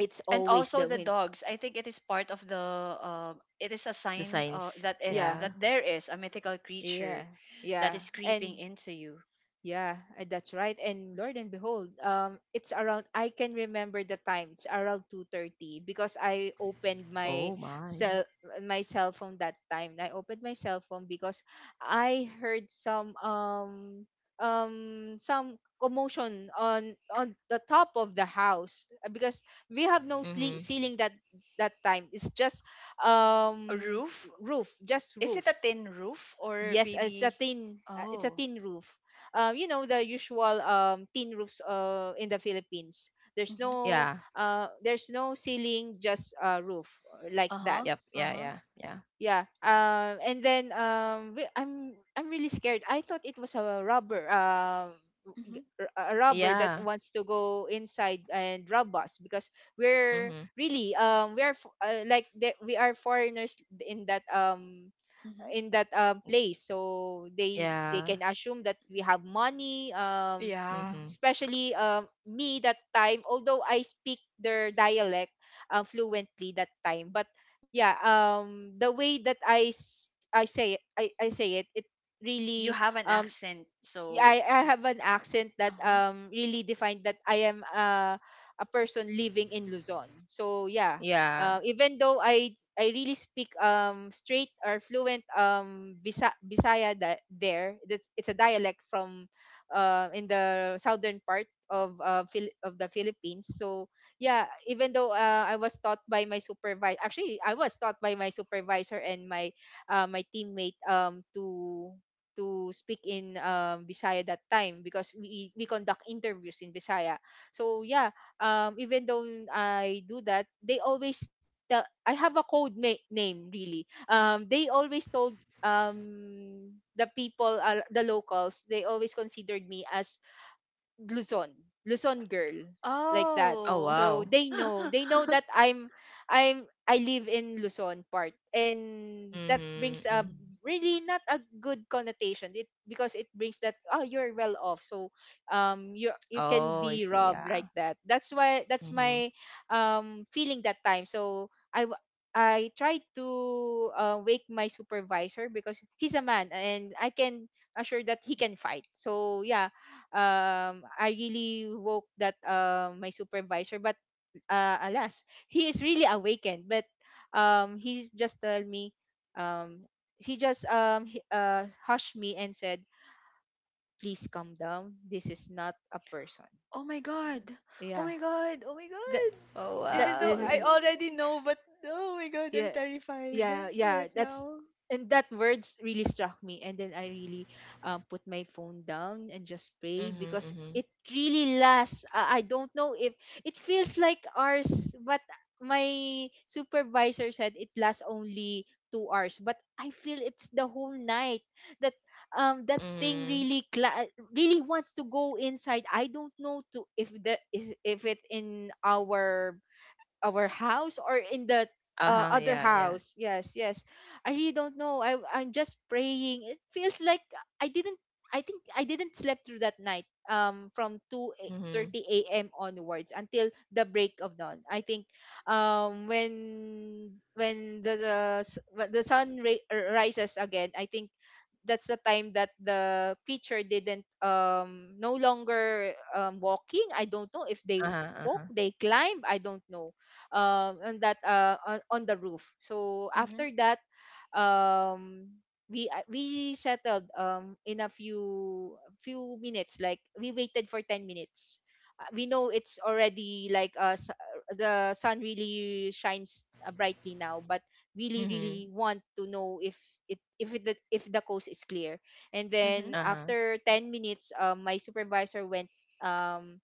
B: it's
A: And
B: always
A: also
B: the
A: the
B: wind,
A: dogs. I think it is part of the um it is a
C: The
A: sign,
C: signs.
A: uh, that is
B: yeah,
C: Yeah.
A: that there is a mythical
B: yeah,
A: creature that
B: yeah.
A: is creeping
B: And
A: into you.
B: yeah, uh, that's right. And Lord and behold, um, it's around, I can remember the time, it's around two thirty because I opened my
C: Oh my.
B: cell my cell phone that time. I opened my cell phone because I heard some, um um some commotion on on the top of the house, uh, because we have no sle-
C: Mhm.
B: ceiling that that time. It's just
A: A
B: um
A: roof?
B: roof, just
A: Is it
B: roof.
A: a tin roof, or
B: Yes, uh, it's a
A: maybe
B: tin. Uh, It's a
A: Oh.
B: tin roof. Um, you know the usual um tin roofs uh in the Philippines. There's
A: Mhm.
B: no,
C: Yeah.
B: uh there's no ceiling, just a roof, uh, like that.
A: Uh-huh.
C: Yep. Yeah.
A: Uh-huh.
C: Yeah. Yeah.
B: Yeah. Um, and then um we- I'm I'm really scared. I thought it was a robber. Um.
A: Mhm,
B: g- A robber that
C: Yeah.
B: wants to go inside and rob us, because we're
C: Mhm.
B: really, um we are f- uh, like the, we are foreigners in that um
A: mhm.
B: in that, um, place, so they they
C: Yeah.
B: can assume that we have money. Um
A: Yeah.
C: Mhm.
B: especially, um me, that time, although I speak their dialect uh, fluently that time. But yeah, um the way that i s- i say it, i I say it, it
A: You
B: really,
A: have an
B: um
A: accent,
B: y- I
A: so
B: I have an accent that
A: uh-huh.
B: um really defined that I am, uh, a person living in Luzon. So yeah,
C: Yeah.
B: uh, even though I I really speak um straight or fluent, um Bisa- Bisaya that there, that's it's a dialect from, uh, in the southern part of, uh, Phil- of the Philippines. So yeah, even though, uh, I was taught by my supervisor. Actually I was taught by my supervisor and my, uh, my teammate, um to to speak in, um, Bisaya that time, because we we conduct interviews in Bisaya. So yeah, um, even though I do that, they always tell, I have a code na- name really. Um, they always told, um the people, uh, the locals, they always considered me as Luzon, Luzon girl, like that.
C: Oh
A: Oh.
B: So
C: wow.
B: they know, they know that,
A: [laughs]
B: I'm, I'm, I live in Luzon part, and that
C: Mhm.
B: brings a
C: Mhm.
B: really not a good connotation. It, because it brings that, "Oh, you're well off, so um you you can
C: Oh, I
B: be
C: see.
B: robbed,"
C: Yeah.
B: like that. That's why that's
C: Mhm.
B: my, um feeling that time. So I w- I tried to, uh, wake my supervisor, because he's a man and I can assure that he can fight. So yeah, um I really woke that, uh, my supervisor, but, uh, alas, he is really awakened, but um he just told me um he just um he, uh hushed me and said, "Please calm down, this is not a person,"
A: Oh my god. Oh
B: yeah,
A: my god. Oh my
B: that
A: god.
C: Oh
B: that
A: Even though
C: wow.
B: this
A: I
B: is,
A: already know, but oh my god, I'm
B: yeah,
A: terrified
B: yeah, yeah,
A: right
B: that's.
A: now.
B: And that words really struck me, and then I really, um, put my phone down and just pray,
C: Mhm.
B: because
C: Mhm.
B: it really lasts, i I don't know if it feels like ours, but my supervisor said it lasts only two hours, but I feel it's the whole night, that, um that thing
C: Mhm.
B: really, cla- really wants to go inside. I don't know to, if the is, if it in our, our house or in the,
C: Uh
B: uh,
C: huh.
B: other
C: Yeah. Yeah.
B: house. Yes, yes. I really don't know. I I'm just praying. It feels like I didn't. I think I didn't sleep through that night. Um, from two
C: Mhm.
B: thirty a m onwards until the break of dawn. I think, um, when when the the, s- when the sun, ra- rises again, I think that's the time that the preacher didn't, um no longer, um walking. I don't know if they
C: Uh huh. Uh
B: walk
C: huh.
B: they climb, I don't know, um on that, uh on, on the roof. So after
A: Mhm.
B: that, um we uh, we settled, um in a few few minutes, like we waited for ten minutes. Uh, we know it's already like, uh, s- uh, the sun really shines, uh, brightly now, but really really
C: Mhm.
B: want to know if, it if it, if the coast is clear. And then
A: Mhm.
C: Uh huh.
B: after ten minutes, um, my supervisor went, um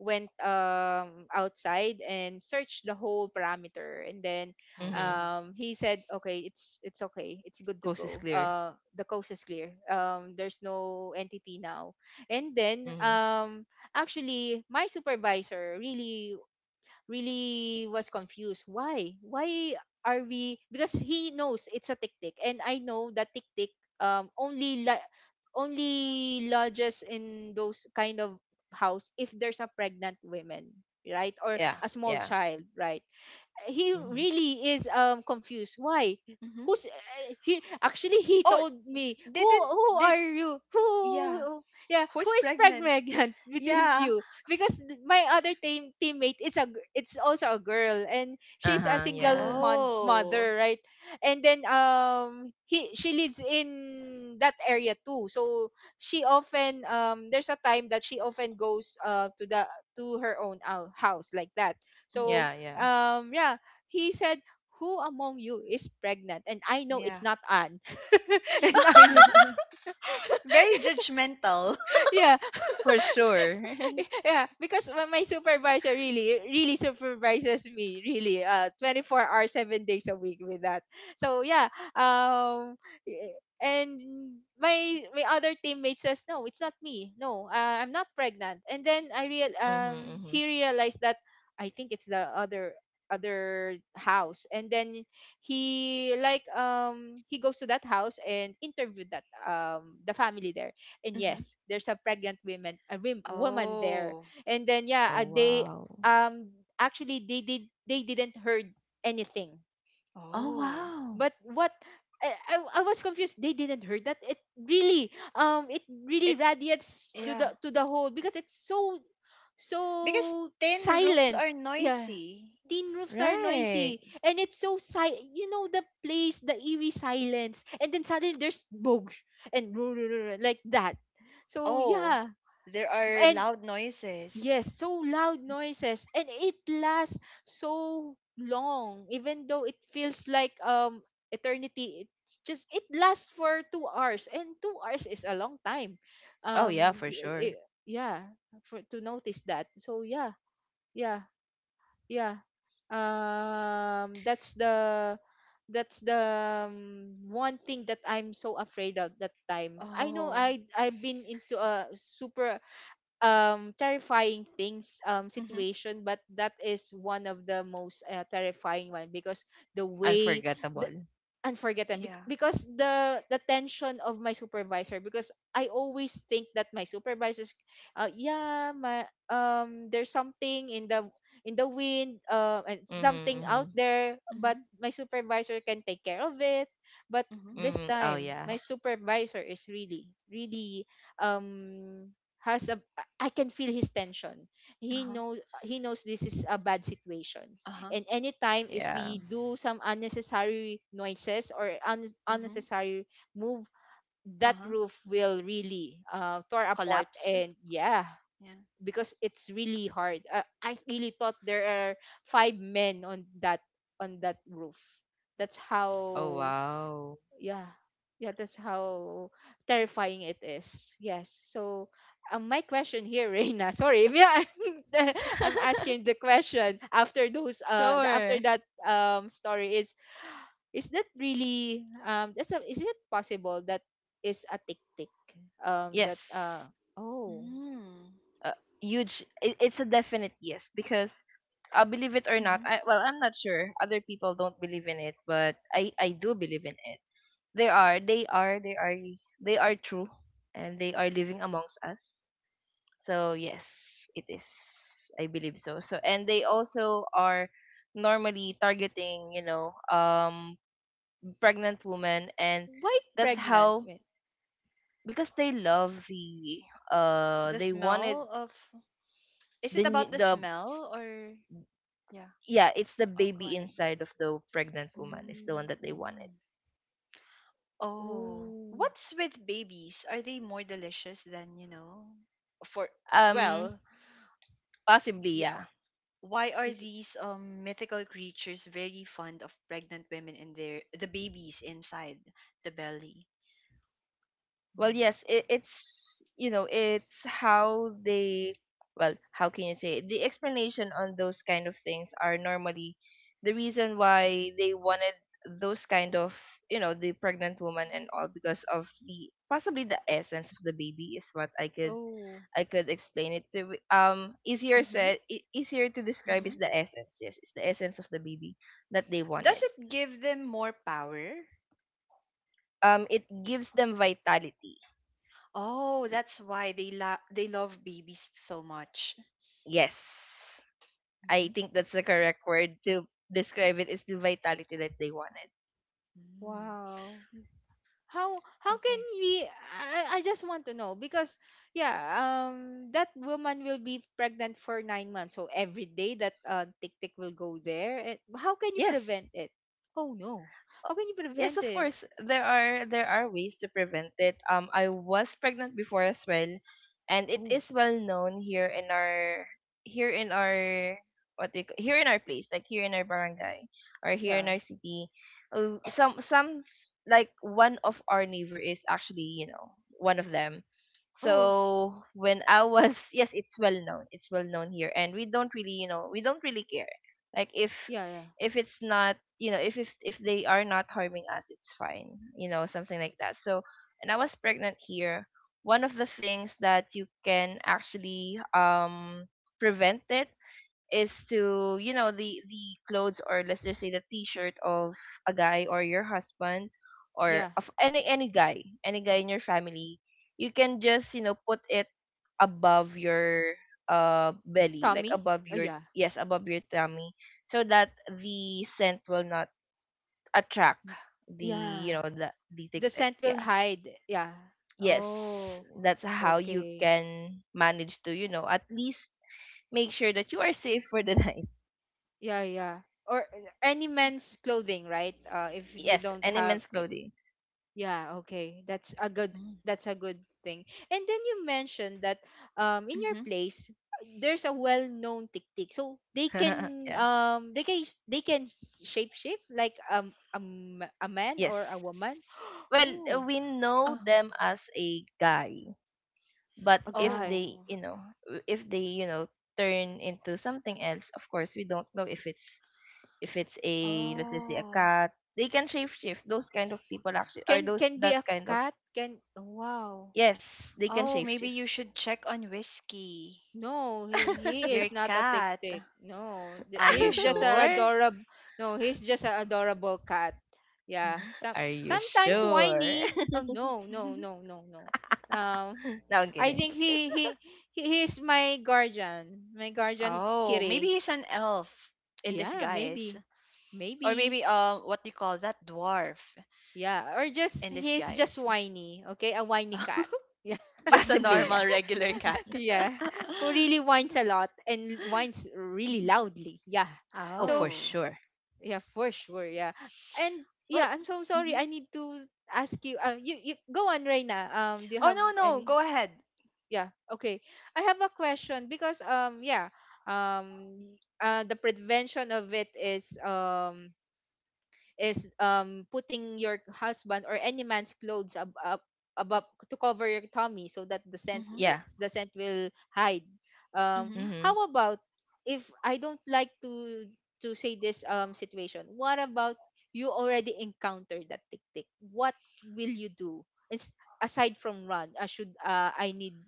B: went, um outside and searched the whole parameter. And then
C: Mhm.
A: Oh.
B: um he said, "Okay, it's it's okay, it's good to
C: Coast is
B: go.
C: clear.
B: Uh the coast is clear. Um there's no entity now." And then,
C: Mhm.
B: um actually my supervisor really, really was confused. Why? Why are we? Because he knows it's a tik-tik, and I know that tik-tik, um only la- only lodges in those kind of house if there's a pregnant woman, right, or
C: Yeah.
B: a small
C: Yeah.
B: child, right. He
C: Mhm.
B: really is, um confused why.
A: Mhm.
B: Who's uh, He actually he
A: Oh,
B: told me, who
A: didn't
B: who
A: did.
B: are you,
A: Yeah.
B: who," yeah, "who
A: Who's
B: is
A: pregnant?
B: pregnant [laughs] between
A: Yeah.
B: you?" Because, th- my other team teammate is a, gir- it's also a girl, and
C: Uh
B: she's a
C: huh.
B: single,
C: Yeah.
B: mon-
A: Oh.
B: mother, right. And then, um he she lives in that area too, so she often um there's a time that she often goes, uh to the, to her own, ou- house, like that. So,
A: Hmm.
C: Yeah. Yeah.
B: um yeah, he said, "Who among you is pregnant? And I know it's
A: Yeah.
B: not Anne." [laughs] And I know,
C: [laughs]
A: Very judgmental. [laughs]
B: yeah.
C: For sure. [laughs]
B: [laughs] Yeah, because my my supervisor really, really supervises me, really, uh, twenty-four hours, seven days a week with that. So yeah, um, eh, and my my other teammate says, "No, it's not me. No, uh, I'm not pregnant." And then, I real,
C: Mhm.
B: um,
C: Mhm.
B: he realized that, I think it's the other other house. And then he like um he goes to that house and interviewed that, um the family there. And
A: Hmm.
B: yes, there's a pregnant woman, a wim- woman there.
A: Oh.
B: And then yeah,
C: Oh
B: uh, they
C: wow.
B: um actually, they did they didn't heard anything.
C: Oh,
A: Oh.
C: wow.
B: But what, I, I, I was confused, they didn't heard that, it really, um it really
A: It,
B: radiates to
A: yeah.
B: the, to the whole, because it's so,
A: Because
B: so
A: tin roofs
B: silent.
A: are
B: Yeah,
A: noisy.
B: tin roofs are
C: Right.
B: noisy, and it's so, si- you know the place, the eerie silence, and then suddenly there's boog. And [laughs] like that. So
A: Oh.
B: yeah,
A: There are
B: and
A: loud noises.
B: yes, so loud noises, and it lasts so long, even though it feels like, um eternity. It's just, it lasts for two hours, and two hours is a long time,
C: Oh, yeah,
B: um
C: for
B: i-
C: sure.
B: i- yeah, for to notice that. So yeah, yeah, yeah. um that's the that's the, um, one thing that I'm so afraid of that time. I know
A: Oh.
B: I I've been into a super um terrifying things um
A: Mm-hmm.
B: situation, but that is one of the most uh, terrifying one because the way
C: Unforgettable.
B: unforgettable bec-
A: Yeah.
B: because the the tension of my supervisor, because I always think that my supervisors uh, yeah, my um there's something in the in the wind, uh, and
C: Mm-hmm,
B: something out
C: mm-hmm.
B: there,
A: Mm-hmm.
B: but my supervisor can take care of it. But
A: Mm-hmm.
B: this
C: Mm-hmm. Oh,
B: time
C: yeah.
B: my supervisor is really really um has a I can feel his tension. He
A: Uh-huh.
B: knows, he knows this is a bad situation,
A: Uh-huh.
B: and anytime if
C: Yeah.
B: we do some unnecessary noises or un-
A: Mm-hmm.
B: unnecessary move, that
A: Uh-huh.
B: roof will really uh, tore apart,
A: Collapse.
B: and yeah,
A: Yeah.
B: because it's really hard. uh, I really thought there are five men on that on that roof. That's
C: Oh,
B: how,
C: wow.
B: yeah, yeah, that's how terrifying it is. Yes, so um, my question here, Reina, sorry, [laughs] yeah, I'm [laughs] I'm asking the
C: [laughs]
B: question after those uh the- after
C: Sure.
B: that um story is is that really um that's a, is it possible that is a tick tick um that uh
C: Yes.
B: oh,
A: Mm.
C: Uh, Huge. It, it's a definite yes, because uh, believe it or not,
A: Mm-hmm.
C: I well, I'm not sure. Other people don't believe in it, but I I do believe in it. They are, they are, they are, they are true, and they are living amongst us. So yes, it is. I believe so. So, and they also are normally targeting, you know, um pregnant women, and
B: why
C: that's
A: Mm-hmm.
B: pregnant
C: how,
B: with?
C: because they love the uh
A: The
C: they wanted
A: smell of Is
C: the
A: it about
C: new-
A: the
C: the
A: smell, or yeah?
C: yeah, it's the
A: Oh, go
C: baby
A: ahead.
C: inside of the pregnant woman is the one
B: Oh.
C: that they wanted.
A: Mm. Oh,
B: Oh.
A: what's with babies? Are they more delicious than, you know, for
C: Um
A: well,
C: possibly,
A: yeah?
C: yeah.
A: Why are
B: Is.
A: these um mythical creatures very fond of pregnant women and their the babies inside the belly?
C: Well, yes, it, it's you know it's how they. Well, how can you say it? The explanation on those kind of things are normally the reason why they wanted those kind of, you know the pregnant woman and all, because of the possibly the essence of the baby is what i could
B: Oh.
C: i could explain it to wi- um easier
A: Mm-hmm.
C: said e- easier to describe,
A: Mm-hmm.
C: is the essence. Yes, it's the essence of the baby that they
A: Does
C: wanted.
A: it give them more power?
C: Um it gives them vitality.
A: Oh, that's why they lo- they love babies so much.
C: Yes, I
A: Mm-hmm.
C: think that's the correct word to describe it, is the vitality that they wanted.
A: Mm.
B: Wow. how how can
A: Okay.
B: we? I, I just want to know because, yeah, um that woman will be pregnant for nine months, so every day that uh, tick tick will go there. And how can you
C: Yes.
B: prevent it? Oh no.
C: Uh,
B: How can you
C: Yes,
B: prevent
C: of
B: it?
C: course. There are there are ways to prevent it. Um, I was pregnant before as well, and it
B: Oh
C: is well known here in our here in our what they ca- here in our place, like here in our barangay or here in
B: yeah.
C: our city. Uh, some some s- like one of our neighbor is actually you know one of them.
B: [gasps] Oh
C: So when I was [laughs] yes, it's well known. It's well known here, and we don't really you know we don't really care. Like if
B: yeah. Yeah.
C: if it's not you know if if, if they are not harming us, it's fine you know Something like that, so and I was pregnant here. One of the things that you can actually um prevent it is to, you know the the clothes, or let's just say the t-shirt of a guy or your husband, or
B: Yeah.
C: of any any guy, any guy in your family, you can just, you know put it above your uh belly, like
B: Tommy.
C: above
B: Oh
C: your
B: yeah.
C: yes above your tummy, so that the scent will not attract the,
B: Yeah.
C: you know the the tick
B: The
C: tick,
B: scent will
C: yeah.
B: hide, yeah.
C: Yes,
B: Oh.
C: that's how you
B: Okay.
C: can manage to, you know at least make sure that you are safe for the [laughs] night.
B: Yeah, yeah, or uh, any men's clothing, right? Uh if you
C: Yes,
B: don't
C: and
B: have.
C: immense clothing.
B: Yeah, okay. That's a good
A: Mm.
B: that's a good thing. And then you mentioned that um in your
A: Mm-hmm.
B: place there's a well-known tiktik. So they
C: [laughs]
B: can
C: Yeah.
B: um they can they can s- shape shift like um a, m- a man
C: Yes.
B: or a woman. [gasps]
C: Well, uh,
B: Oh,
C: we know
A: Oh.
C: them as a guy, but
B: a
C: if
B: guy.
C: they,
A: Oh,
C: you know, w- if they, you know, turn into something else, of course, we don't know if it's if it's a, let's just say, a
A: oh,
C: cat. They can shapeshift. Those kind of people actually are
B: Can
C: those
B: can be
C: that
B: a
C: kind of
B: cat. Can, wow.
C: yes, they can
A: oh,
C: shapeshift.
A: maybe you should check on Whiskey,
B: No, he he
A: your
B: is not a tick
A: cat.
B: tick. No, j-
A: Are you
B: he's just
C: [laughs]
B: an
A: sure?
B: adorable. No, he's just an adorable cat. Yeah,
A: Hmm.
B: some
C: Are you
B: sometimes
A: Oh,
C: sure?
B: whiny. Oh no, no, no,
A: [laughs]
B: no, no. Um,
C: [laughs] No, I'm
B: I
C: kidding.
B: think he he he he is my guardian, my guardian
A: oh, maybe
B: kitty.
A: he's an elf in
B: Yeah,
A: disguise,
B: maybe,
A: or
B: maybe.
A: maybe, um, what do you call that? Dwarf
B: Yeah, or just
A: in
B: he's just
A: disguise.
B: whiny. Okay, a whiny cat.
A: [laughs]
B: Yeah,
A: Just a
C: Possibly, yeah.
A: normal, regular
B: [laughs]
A: cat.
B: yeah,
A: [laughs]
B: who really whines a lot and whines really
A: Mhm.
B: loudly. Yeah.
C: Oh, for
B: So,
A: Oh,
C: sure.
B: yeah, for sure. Yeah. And
A: well,
B: yeah, I'm so sorry.
A: hmm,
B: I need to ask you. Uh, you, you go on, Reina. Um, do you
A: oh,
B: have
A: no, no,
B: any?
A: go ahead.
B: Yeah. Okay. I have a question because, um yeah, um y- uh the prevention of it is um is um putting your husband or any man's clothes ab- ab- above to cover your tummy, so that the scent
A: Mm-hmm,
B: wi-
C: Yeah.
B: the scent will hide. Um,
A: hmm,
C: Mm-hmm.
B: how about if I don't like to to say this um situation? What about you already encountered that tick tick? What will you do? It's, aside from run, uh, should uh, I need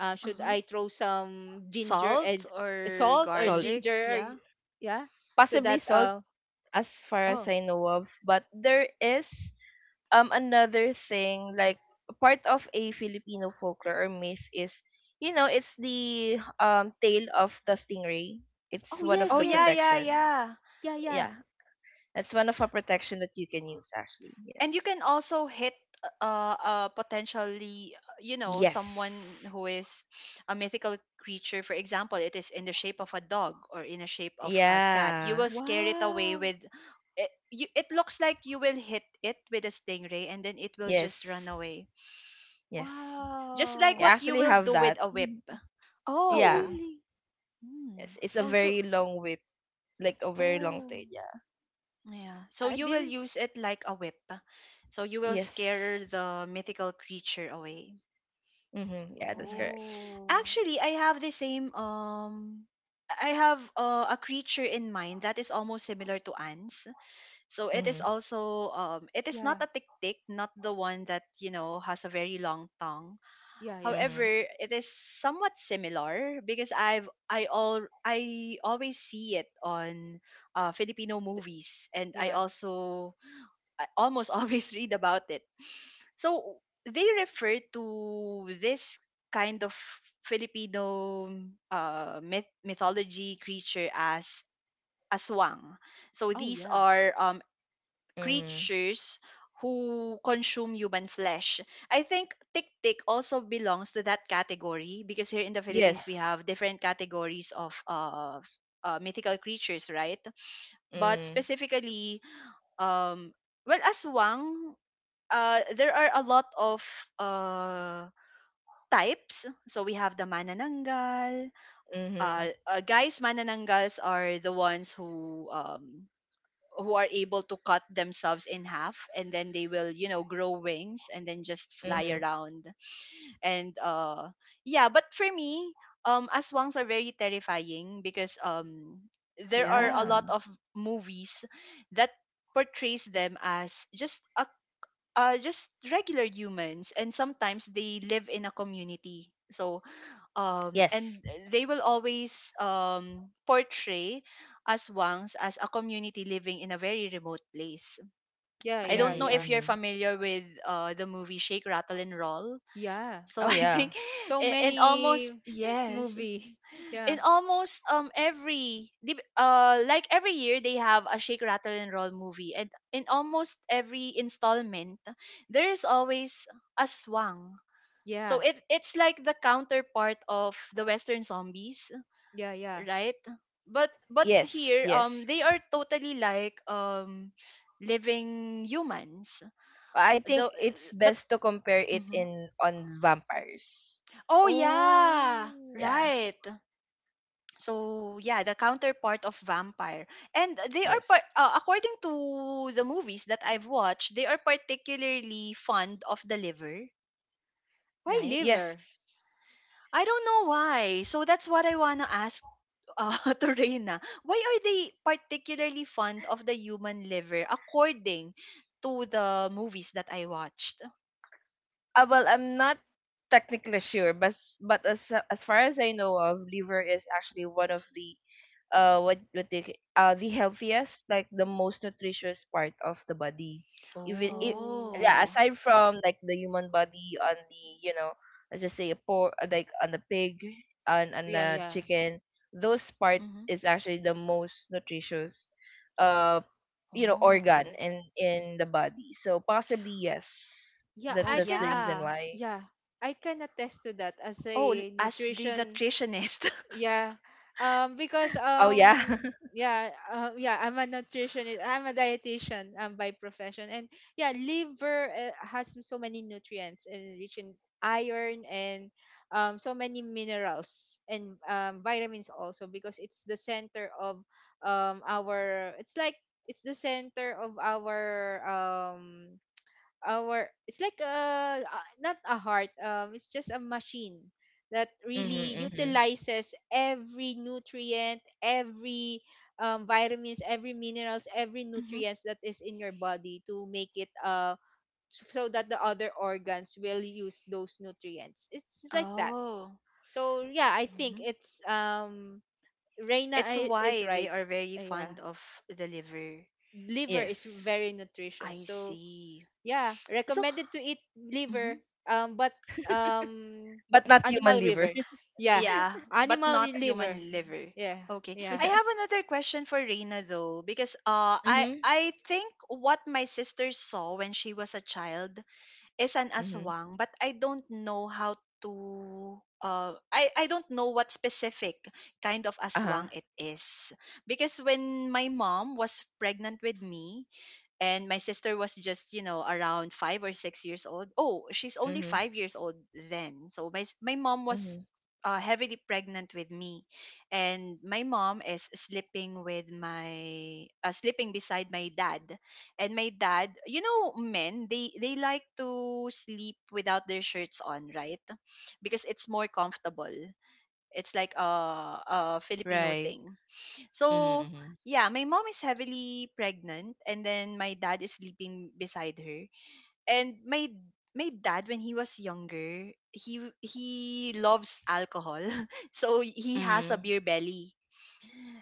B: uh, should
A: uh-huh.
B: I throw some ginger
A: Salt
B: and
A: or
B: salt or
C: Salt.
A: garlic?
B: ginger?
A: Yeah.
B: Yeah, so
C: Possibly
B: that
C: salt
B: uh.
C: as far as
B: Oh.
C: I know of. But there is um another thing, like part of a Filipino folklore or myth is, you know, it's the um tail of the stingray. It's
B: Oh
C: one of
A: Oh
B: yes,
C: the
A: yeah,
B: yes.
A: yeah,
C: protection.
A: yeah.
B: Yeah, yeah.
C: Yeah, that's one of a protection that you can use actually. Yes.
A: And you can also hit, uh uh potentially, uh, you know
C: Yes.
A: someone who is a mythical creature. For example, it is in the shape of a dog, or in the shape of a cat. You
C: Yeah.
A: will scare it away
B: Wow.
A: with it, you, it looks like you will hit it with a stingray, and then it will
C: Yes.
A: just run away.
C: Yes.
A: Just like
C: You
B: Wow.
A: what you
C: actually
A: will
C: have
A: do with
C: that.
A: a
C: [laughs]
A: whip.
C: Mhm.
B: Oh,
C: Yeah.
A: Oh.
B: really?
A: Hmm.
C: Yes. It's a
B: Oh, so
C: very long whip, like a very long
B: oh,
C: tail. Yeah.
A: Yeah.
B: I
A: So you will
B: didn't.
A: use it like a whip. So you will
C: Yes.
A: scare the mythical creature away.
C: Mm-hmm. Yeah,
A: Oh
C: that's
A: yeah.
C: correct.
B: Oh,
A: Actually, I have the same, um I have, uh, a creature in mind that is almost similar to ants. So it is
C: Mm-hmm.
A: also, um it is
B: yeah,
A: not a tick-tick, not the one that, you know, has a very long tongue.
B: yeah, yeah.
A: However,
C: Mhm.
A: it is somewhat similar because I've I all I always see it on, uh, Filipino
B: Th-
A: movies, and
B: yeah.
A: I also I almost [laughs] always read about it, so they refer to this kind of Filipino, uh, myth- mythology creature as aswang. So
B: Oh,
A: these
B: yeah,
A: are, um,
C: Mhm.
A: creatures who consume human flesh. I think tik tik also belongs to that category, because here in the Philippines we
C: Yes.
A: have different categories of, uh, uh, mythical creatures, right? But
C: Mhm.
A: specifically, um, well, aswang, uh, there are a lot of uh, types. So we have the manananggal.
C: Mhm.
A: Uh, uh, guys, manananggals are the ones who um, who are able to cut themselves in half, and then they will, you know, grow wings and then just fly
C: Mhm.
A: around. And, uh, yeah, but for me, um, aswangs are very terrifying because, um, there are a
B: yeah,
C: Yeah.
A: lot of movies that portrays them as just a uh, just regular humans, and sometimes they live in a community, so um and
C: Yes.
A: they will always um portray aswangs as a community living in a very remote place.
B: yeah,
C: Mhm.
A: I
B: yeah,
A: don't know
B: yeah,
A: if you're
C: Mhm.
A: familiar with, uh the movie Shake Rattle and Roll.
B: yeah.
A: So
C: Oh
A: I
C: yeah.
A: think [laughs]
B: So
A: in, in
B: many
A: almost,
B: [laughs]
A: yes,
B: movie. [laughs]
A: in
B: Yeah,
A: almost, um every dip- uh like every year they have a Shake Rattle and Roll movie, and in almost every installment there is always a swang. So
B: yeah,
A: it it's like the counterpart of the western zombies,
B: yeah, yeah.
A: right? But but
C: Yes.
A: here, um
C: Yes.
A: they are totally like, um living humans,
C: I think
A: though,
C: it's
A: but
C: best to compare it
A: Mhm.
C: in on vampires.
A: Oh yeah,
B: Oh,
C: Yeah.
A: right. So yeah, the counterpart of vampire, and they are,
C: Yes.
A: par- uh, according to the movies that I've watched, they are particularly fond of the liver,
B: why
A: right?
C: Yes.
B: liver?
A: I don't know why. So that's what I wanna ask, uh, [laughs] to Reina. Why are they particularly fond of the human liver, according to the movies that I watched?
C: Uh, well, I'm not technically sure, but s- but as as far as I know of, liver is actually one of the uh what what they ca- uh the healthiest, like the most nutritious part of the body. Even if
B: Oh,
C: yeah,
A: Oh.
C: aside from like the human body, on the, you know, let's just say a pork, like on the pig and on
B: yeah,
C: the
B: yeah,
C: chicken, those part
A: Mm-hmm.
C: is actually the most nutritious uh you know organ
A: Oh.
C: in in the body. So possibly yes.
B: yeah.
C: That
A: Oh
B: I
C: that's
B: can.
C: the reason
A: yeah.
C: why.
B: Yeah, I can attest to that as
A: Oh, l-
B: a
A: as the
B: nutrition.
A: nutritionist.
B: Yeah, um, because
C: Oh yeah.
B: um,
C: [laughs]
B: yeah, uh, yeah, I'm a nutritionist. I'm a dietitian um by profession, and yeah, liver uh, has so many nutrients and rich in iron and um so many minerals and um vitamins also, because it's the center of um our it's like it's the center of our um our it's like a uh, not a heart, um it's just a machine that really
C: Mhm. Mhm.
B: utilizes every nutrient, every um, vitamins, every minerals, every
A: [laughs] Hmm.
B: nutrients that is in your body, to make it uh, so that the other organs will use those nutrients. It's just like that.
A: Oh.
B: So yeah, I think
A: Mhm.
B: it's um, Reina
A: It's
B: i- is
A: why they
B: right.
A: are very
B: Uh, yeah,
A: fond of the liver.
B: liver is
C: Yes.
B: very nutritious,
A: I
B: so
A: see.
B: yeah,
A: So,
B: recommended to eat
A: mhm,
B: liver, um, but um,
C: But not human
B: animal
C: liver.
B: liver. Yeah,
A: yeah,
C: [laughs]
A: but
B: animal
A: not
B: re- liver.
A: human liver.
B: Yeah,
A: Okay.
B: yeah,
A: I
C: Yeah.
A: have another question for Reina, though, because, uh I
C: Mhm.
A: I think what my sister saw when she was a child is an
C: Mhm.
A: aswang. But I don't know how to uh I I don't know what specific kind of
C: Uh-huh.
A: aswang it is, because when my mom was pregnant with me and my sister was just you know around five or six years old oh she's only
C: Mhm.
A: five years old then so my s- my mom was,
C: Mhm.
A: uh, heavily pregnant with me, and my mom is sleeping with my uh, sleeping beside my dad, and my dad, you know men, they they like to sleep without their shirts on, right? Because it's more comfortable. It's like a, a Filipino
C: Right.
A: thing.
C: Mhm.
A: So,
C: Mhm.
A: yeah, my mom is heavily pregnant, and then my dad is sleeping beside her. And my my dad, when he was younger, he he loves alcohol. [laughs] So he has a
C: Mhm.
A: beer belly.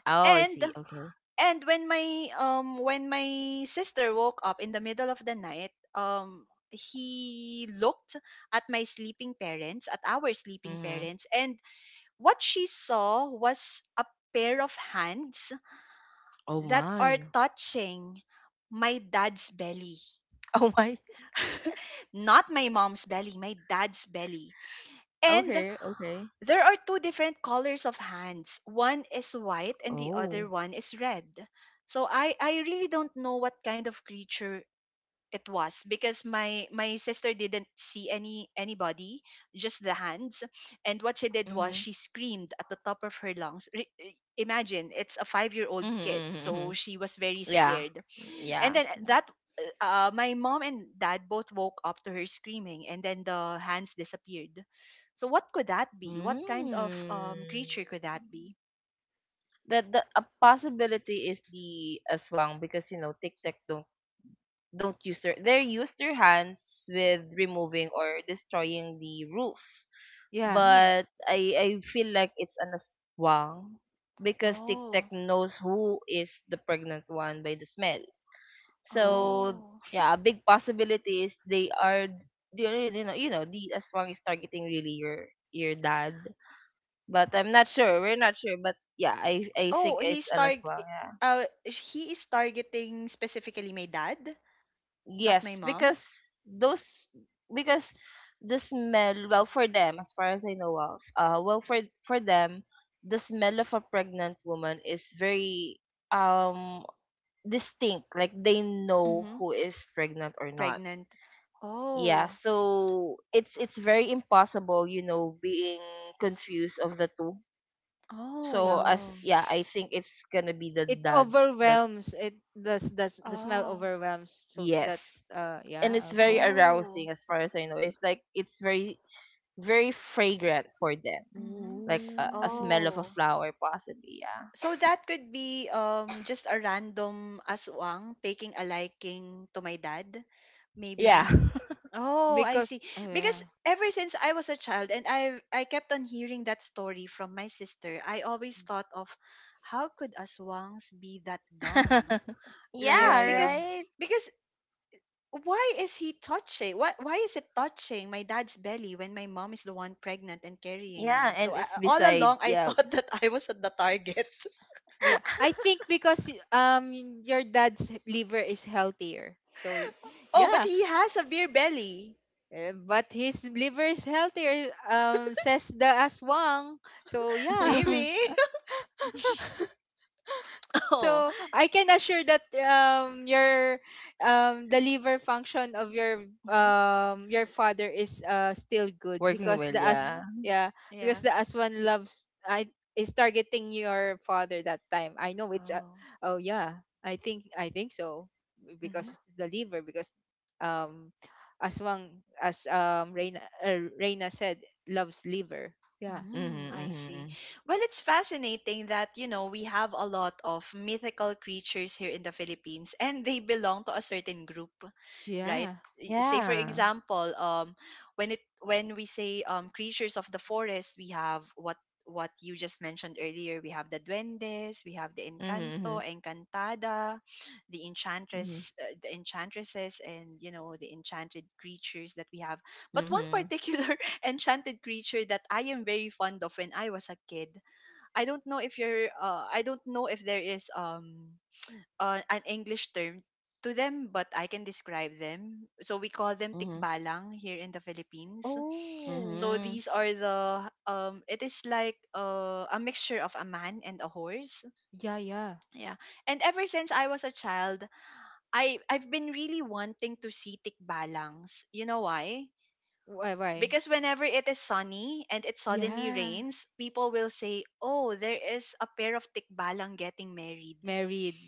C: Oh, I
A: And
C: see. Okay.
A: and when my um when my sister woke up in the middle of the night, um he looked at my sleeping parents, at our sleeping
C: Mhm.
A: parents, and what she saw was a pair of hands
C: Oh
A: that are
C: my. [laughs]
A: touching my dad's belly.
C: Oh my.
A: [laughs] Not my mom's belly, my dad's belly. And
C: Okay. Okay.
A: there are two different colors of hands. One is white, and the other
C: Oh.
A: one is red. So I I really don't know what kind of creature it was, because my my sister didn't see any anybody, just the hands. And what she did was
C: Mhm.
A: she screamed at the top of her lungs. Re- imagine, it's a five-year-old
C: Mhm.
A: kid,
C: Mhm.
A: so
C: Mhm.
A: she was very
C: Yeah.
A: scared, and
C: Yeah.
A: then that uh, my mom and dad both woke up to her screaming, and then the hands disappeared. So what could that be? What kind of, um
C: Mm.
A: creature could that be?
C: The, the a possibility is the aswang, because, you know, tic tac don't don't use their they use their hands with removing or destroying the roof.
B: yeah.
A: Oh,
C: But I I feel like it's an aswang, because Tic Tac
A: oh,
C: knows who is the pregnant one by the smell.
B: Oh,
C: So
A: oh,
C: yeah, a big possibility is they are, you know you know you know, the aswang is targeting really your your dad. But I'm not sure. We're not sure. But yeah, I I think
A: oh,
C: it's
A: he's
C: an
A: targ
C: aswang. Yeah.
A: uh he is targeting specifically my dad, not my
C: Yes,
A: mom.
C: because those because the smell, well, for them as far as I know of, uh well, for for them the smell of a pregnant woman is very um distinct, like they know
A: Mm-hmm.
C: who is pregnant or not.
A: Pregnant.
C: Yeah,
A: Oh,
C: so it's it's very impossible, you know, being confused of the two. So
A: oh,
C: as
B: yeah.
C: yeah, I think it's gonna be the
B: It
C: dad that
B: overwhelms. It does. Does the smell
A: oh,
B: overwhelms? So that
C: yes,
B: uh, yeah,
C: and it's
B: okay.
C: very
A: oh.
C: arousing as far as I know. It's like it's very very fragrant for them,
A: Mm-hmm.
C: like a, a
B: Ooh.
C: smell of a
A: Oh.
C: flower, possibly. Yeah.
A: So that could be, um just a random aswang taking a liking to my dad. Maybe. Oh, I see.
B: Because oh
A: Because
B: yeah,
A: ever since I was a child, and I I kept on hearing that story from my sister, I always thought of how could aswangs be that
C: Yeah.
A: dumb?
C: [laughs]
A: Right?
B: yeah,
C: Yeah.
B: yeah.
A: Because
C: Right.
A: because why is he touching? Why why is it touching my dad's belly when my mom is the one pregnant and carrying
C: Yeah,
A: me? So
C: and
A: I,
B: I,
C: it's
A: all
C: beside.
A: along I
C: Yeah.
A: thought [laughs] that I was at the target.
B: yeah, I think because y- um your dad's liver is healthier. So y-
A: Oh, but
B: yeah.
A: he has a beer belly.
B: Eh, but his liver is healthier, um, says the aswang. So yeah, [laughs]
C: [laughs]
A: Maybe. [laughs] Oh.
B: So I can assure that um your um the liver function of your
A: Mm-hmm.
B: um your father is uh still good
C: Working
B: because
C: well.
B: the as,
A: Mm-hmm.
C: Yeah.
B: yeah, because
A: Yeah.
B: the aswan loves I is targeting your father that time. I know it's uh,
A: Oh.
B: oh yeah, I think I think so,
A: Mm-hmm.
B: because it's the liver, because um aswang, as um, Reina, uh, Reina said, loves liver, yeah,
C: Mm-hmm,
A: Mm,
C: mm-hmm.
A: I see.
C: Mm-hmm.
A: Well, it's fascinating that, you know, we have a lot of mythical creatures here in the Philippines, and they belong to a certain group, right?
B: yeah.
A: Y- Say for
C: Yeah.
A: example, um when it when we say, um creatures of the forest, we have what what you just mentioned earlier. We have the duendes, we have the encanto,
C: Mm-hmm,
A: encantada, the
C: mm-hmm,
A: enchantress, uh, the enchantresses, and, you know, the enchanted creatures that we have. But one [laughs]
C: mm-hmm,
A: particular enchanted creature that I am very fond of when I was a kid. I don't know if you're uh, I don't know if there is, um uh, an English term to them, but I can describe them. So we call them
C: mm-hmm,
A: tikbalang here in the Philippines.
B: Oh
A: So
C: mm-hmm,
A: these are the um it is like, uh, a mixture of a man and a horse.
B: yeah, yeah.
A: Yeah. And ever since I was a child, I I've been really wanting to see tikbalangs. You know why?
B: Why, why?
A: Because whenever it is sunny and it suddenly
B: Yeah,
A: rains, people will say, "Oh, there is a pair of tikbalang getting married."
B: married.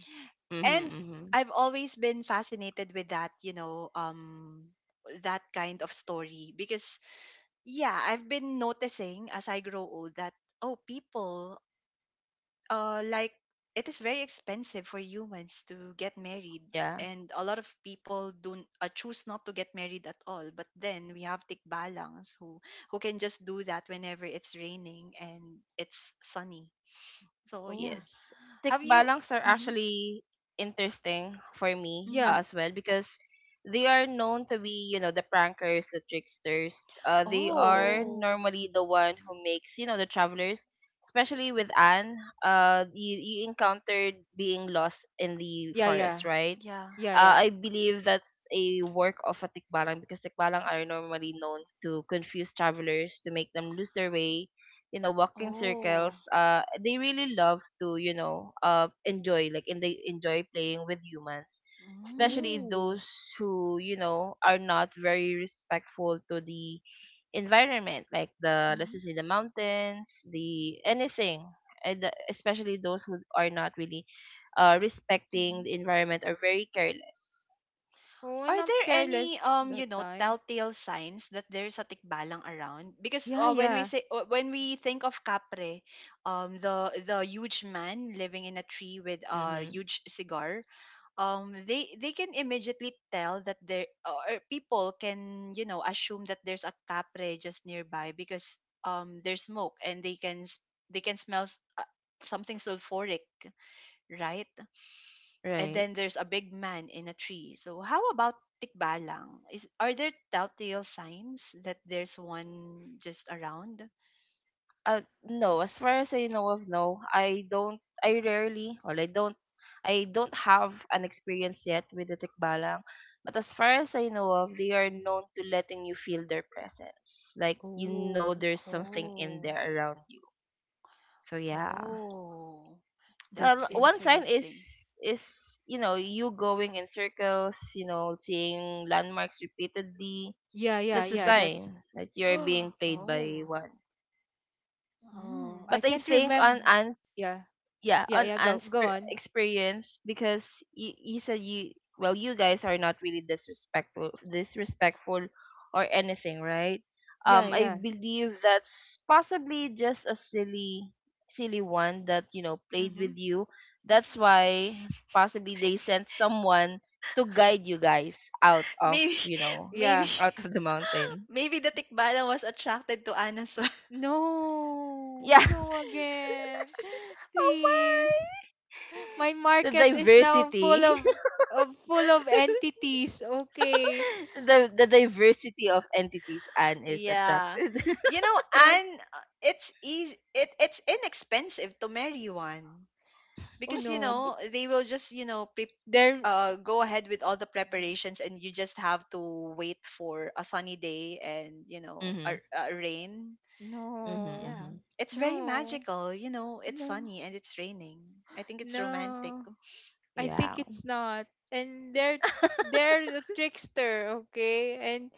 C: mm-hmm,
A: And
C: Hmm.
A: I've always been fascinated with that, you know, um that kind of story because yeah, I've been noticing as I grow old that oh, people uh, like it is very expensive for humans to get married,
C: Yeah.
A: and a lot of people don't uh, choose not to get married at all, but then we have tikbalangs who who can just do that whenever it's raining and it's sunny, so
B: Oh,
A: yeah.
C: Yes. Tick
A: Have you
C: balangs are
A: hmm
C: actually interesting for me uh,
B: yeah.
A: hmm
C: as well, because they are known to be, you know, the prankers, the tricksters. Uh, they are
A: oh
B: Oh,
C: normally the one who makes, you know, the travelers, especially with Anne, uh, you, you encountered being lost in the
B: yeah, yeah,
C: forest, right?
A: yeah
B: yeah, yeah.
C: Uh, I believe that's a work of a tikbalang, because tikbalang are normally known to confuse travelers to make them lose their way, you know, walking
A: oh
C: circles. Uh, they really love to, you know, uh, enjoy like and they enjoy playing with humans, especially
A: mm,
B: Oh,
C: those who, you know, are not very respectful to the environment, like the, let's
A: mm-hmm,
C: just say the mountains the anything and the, especially those who are not really uh,
A: mm-hmm.
C: respecting the environment are very careless.
B: oh,
A: Are
B: and I'm
A: there any
B: careless
A: um you
B: that
A: know
B: time.
A: telltale signs that there's a tikbalang around? Because
B: Yeah,
A: uh, when we
B: yeah.
A: say uh, when we think of Capre, um the the huge man living in a tree with a
C: Mm-hmm.
A: huge cigar, um they they can immediately tell that there, or people can, you know, assume that there's a Capre just nearby because um there's smoke and they can s- they can smell s- uh, something sulfuric, right? And
C: Right.
A: then there's a big man in a tree. So how about tikbalang? Is Are there telltale signs that there's one just around?
C: uh, no as far as I know of, no, I don't, I rarely, well I don't, I don't have an experience yet with the tikbalang, but as far as I know of, they are known to letting you feel their presence, like, you know,
B: Oh,
C: there's something in
A: Oh,
C: there around you, so yeah.
A: oh,
C: um
A: that's
B: that's in.
C: one sign is
A: interesting.
C: is you know, you going in circles, you know, seeing landmarks repeatedly,
B: Yeah, yeah,
C: that's a
B: yeah.
A: Mm-hmm.
B: That's.
C: sign that
B: [gasps]
C: you're being played by
A: Oh,
C: one.
B: Oh,
A: mm,
B: I
C: But I
B: can't
C: think on
B: remember.
C: ants,
B: Yeah,
C: yeah,
B: yeah,
C: on
B: yeah. Go,
C: Anne's
B: go on.
C: experience, because you, he said you, well, you guys are not really disrespectful disrespectful or anything, right?
B: Yeah,
C: um I
B: yeah,
C: believe that's possibly just a silly silly one that, you know, played
A: mm-hmm.
C: with you. That's why possibly they sent someone to guide you guys out of,
A: Maybe,
C: you know,
A: [laughs] maybe,
B: yeah.
C: out
A: [laughs]
C: of the mountain.
A: maybe the tikbalang was attracted to Anna. So [laughs]
B: No,
C: Yeah.
B: no
C: [laughs]
B: again. [gasps] [sighs]
C: Oh
B: Please.
C: my.
B: My
C: The
B: market is now
C: diversity.
B: full of, of full of entities. Okay.
C: [laughs] The the diversity of entities Anne is
A: yeah.
C: attracted.
A: You know,
B: Yeah.
A: and it's easy it it's inexpensive to marry one,
B: Oh
A: because you
B: no.
A: know they will just, you know, pre-
B: There
A: uh, go ahead with all the preparations and you just have to wait for a sunny day and, you
C: [laughs]
A: know, a,
C: Mhm.
A: a rain.
C: Mhm.
B: no.
A: Yeah,
C: Mhm.
A: it's
B: No.
A: very magical, you know, it's
B: No.
A: sunny and it's raining. I think it's romantic.
B: No. I think
C: Yeah.
B: it's not. And they're
C: [laughs]
B: they're a trickster, okay? And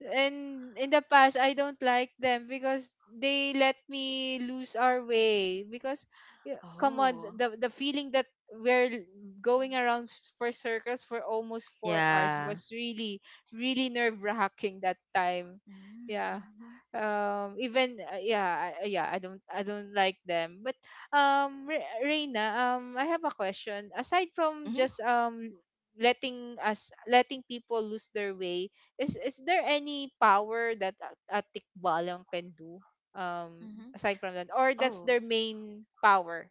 B: and in the past I don't like them, because they let me lose our way. Because yeah, come on,
A: Oh
B: the the feeling that we're l- going around s- for circles for almost four hours
A: mm-hmm.
C: Yeah.
B: was really really nerve-wracking that time.
A: Mm-hmm.
B: Yeah.
A: Mm-hmm.
B: Um, even uh, yeah, I- yeah, I don't, I don't like them. But um, Re- Reina, um, I have a question. Aside from
C: Mhm.
B: just um letting us, letting people lose their way, is is there any power that a, a tikbalang can do? Um,
A: Mm-hmm.
B: aside from that, or that's
A: Oh,
B: their main power?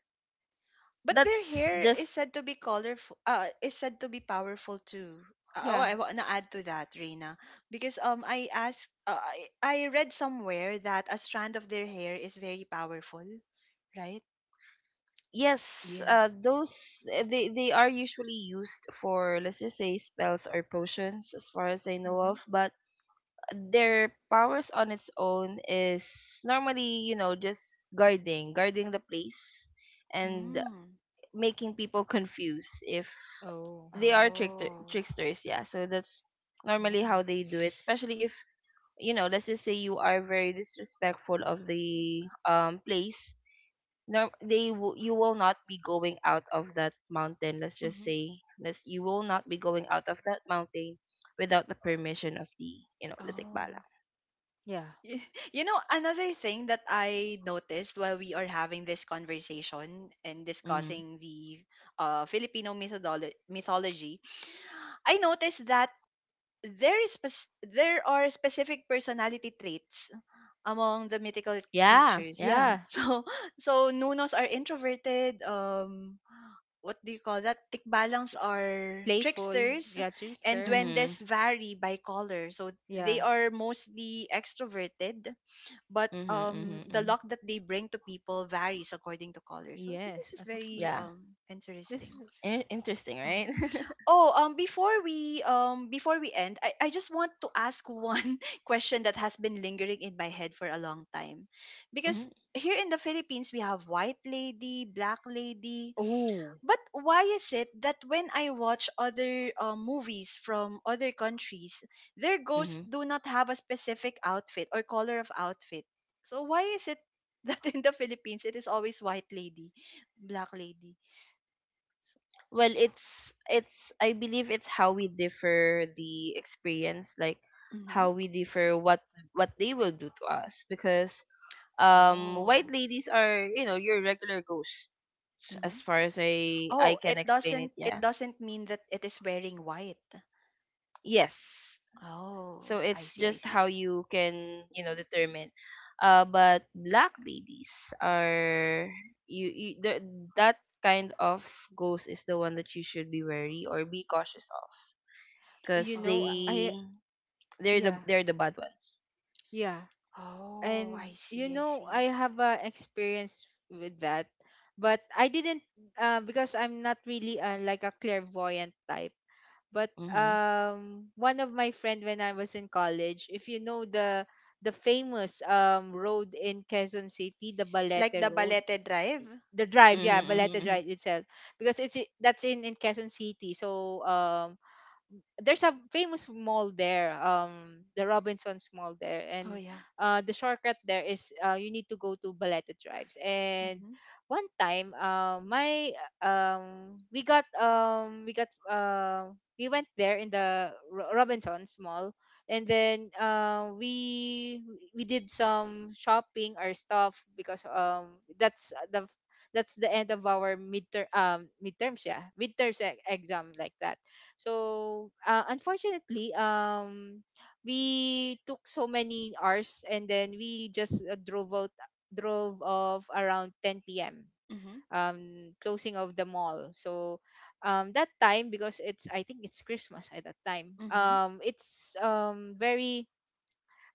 A: but their
C: That's
A: hair is
C: just
A: said to be colorful. Uh, is said to be powerful too. Uh, Oh,
B: Yeah.
A: I want to add to that, Reina, because um, I asked, uh, I I read somewhere that a strand of their hair is very powerful, right?
C: yes,
B: Yeah.
C: uh those uh, they they are usually used for, let's just say, spells or potions as far as I know
A: Mm-hmm.
C: of, but their powers on its own is normally, you know, just guarding, guarding the place and
A: Mm.
C: making people confused if
B: Oh,
C: they are trickster
A: Oh.
C: tricksters, yeah, so that's normally
A: Oh.
C: how they do it, especially if, you know, let's just say you are very disrespectful of the um place, norm they w- you will not be going out of that mountain, let's just
A: Mm-hmm.
C: say let's you will not be going out of that mountain without the permission of the, you know, the tikbala.
A: Oh.
B: yeah,
A: Y- [laughs] you know, another thing that I noticed while we are having this conversation and
C: Mm-hmm.
A: discussing the uh, Filipino mytholo- mythology, I noticed that there is spec- there are specific personality traits among the mythical
C: Yeah.
A: creatures.
C: Yeah.
B: yeah.
A: [laughs] So so Nunos are introverted. Um, what do you call that? Tikbalans are
B: Playful,
A: tricksters,
B: yeah,
A: and
B: trickster.
C: Mm-hmm.
A: duendes vary by color. So
B: Yeah,
A: they are mostly extroverted, but
C: Mm-hmm,
A: um,
C: mm-hmm,
A: the
C: mm-hmm.
A: luck that they bring to people varies according to color. So
B: yes.
A: this is
B: Ano ko-.
A: very
C: Yeah.
A: um
B: This.
A: interesting.
C: In- interesting,
A: Oh.
C: right?
A: Oh, um, before we um before we end, I, I just want to ask one [laughs] question that has been lingering in my head for a long time. Because
C: [laughs]
A: here in the Philippines we have white lady, black lady.
B: Oh,
A: But why is it that when I watch other uh, movies from other countries, their ghosts
C: Mm-hmm.
A: do not have a specific outfit or color of outfit? So why is it [laughs] that in the Philippines it is always white lady, black lady? So,
C: Well, it's it's I believe it's how we differ the experience, like
A: mm-hmm.
C: how we differ what what they will do to us, because um white
A: Oh.
C: ladies are, you know, your regular ghosts as far as I i
A: Oh,
C: can
A: it
C: explain it,
A: doesn't it
C: yeah.
A: doesn't mean that it is wearing white.
C: Yes,
A: Oh,
C: so
A: I
C: it's
A: see, I
C: just
A: see.
C: how you can, you know, determine. uh but black ladies are you, you the, that kind of ghost is the one that you should be wary or be cautious of,
B: you
C: because
B: know,
A: Oh,
B: I,
C: they they're the
B: yeah,
C: they're the bad ones.
B: yeah.
A: oh,
B: And
A: I
B: you
A: see, I
B: know, I
A: see.
B: have a experience with that, but I didn't uh, because I'm not really uh, like a clairvoyant type. But
C: Mhm.
B: um, one of my friend, when I was in college, if you know the the famous um road in Quezon City, the Balete
A: Like the
B: Road,
A: Balete Drive.
B: the drive, yeah,
C: Mhm.
B: Balete
C: Mhm.
B: Drive itself, because it's, i- that's in in Quezon City. So um, there's a famous mall there, um, the Robinson's Mall there,
A: Oh
B: and
A: yeah.
B: uh, the shortcut there is uh, you need to go to Baleta Drives. And
A: Mhm.
B: one time uh, my um, we got, um, we got uh, we went there in the Ro- Robinson's Mall, and then uh, we we did some shopping or stuff, because um, that's the that's the end of our midterm um midterms, yeah, midterms e- exam, like that. So uh, unfortunately, um, we took so many hours, and then we just uh, drove out, drove off around ten p m,
A: Mhm.
B: um, closing of the mall. So um, that time, because it's, I think it's Christmas at that time.
A: Mhm.
B: Um, it's um very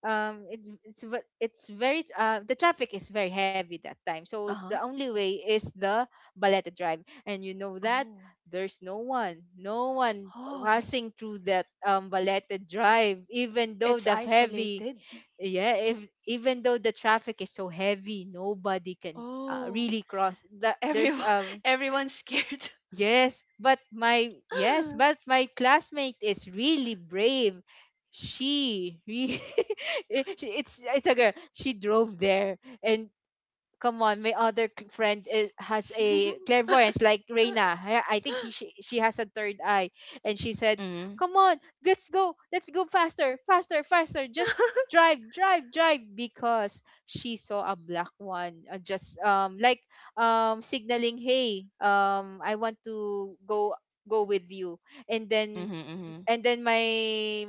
B: um, it, it's ve- it's very uh, the traffic is very heavy that time, so
A: Uh
B: the
A: huh.
B: only way is the Baleta Drive. And you know that
A: Oh.
B: there's no one, no one
A: Oh.
B: passing through that um Baleta Drive, even though
A: It's
B: the heavy,
A: isolated.
B: yeah, if even though the traffic is so heavy, nobody can uh,
A: Oh.
B: really cross that. There's
A: Everyone.
B: a.
A: [laughs] Everyone's scared.
B: Yes, but my, yes, but
A: [laughs]
B: my classmate is really brave. She, re- [laughs] it's it's a girl. She drove there, and come on, my other c- friend is, has a clairvoyance like Reina. I, I think he she, she has a third eye, and she said,
C: Mhm.
B: "Come on, let's go, let's go faster, faster, faster! Just drive, drive, drive!" Because she saw a black one, uh, just um like um signaling, "Hey, um, I want to go." Go with you. And
C: Mhm.
B: then
C: Mhm. Mhm.
B: and then my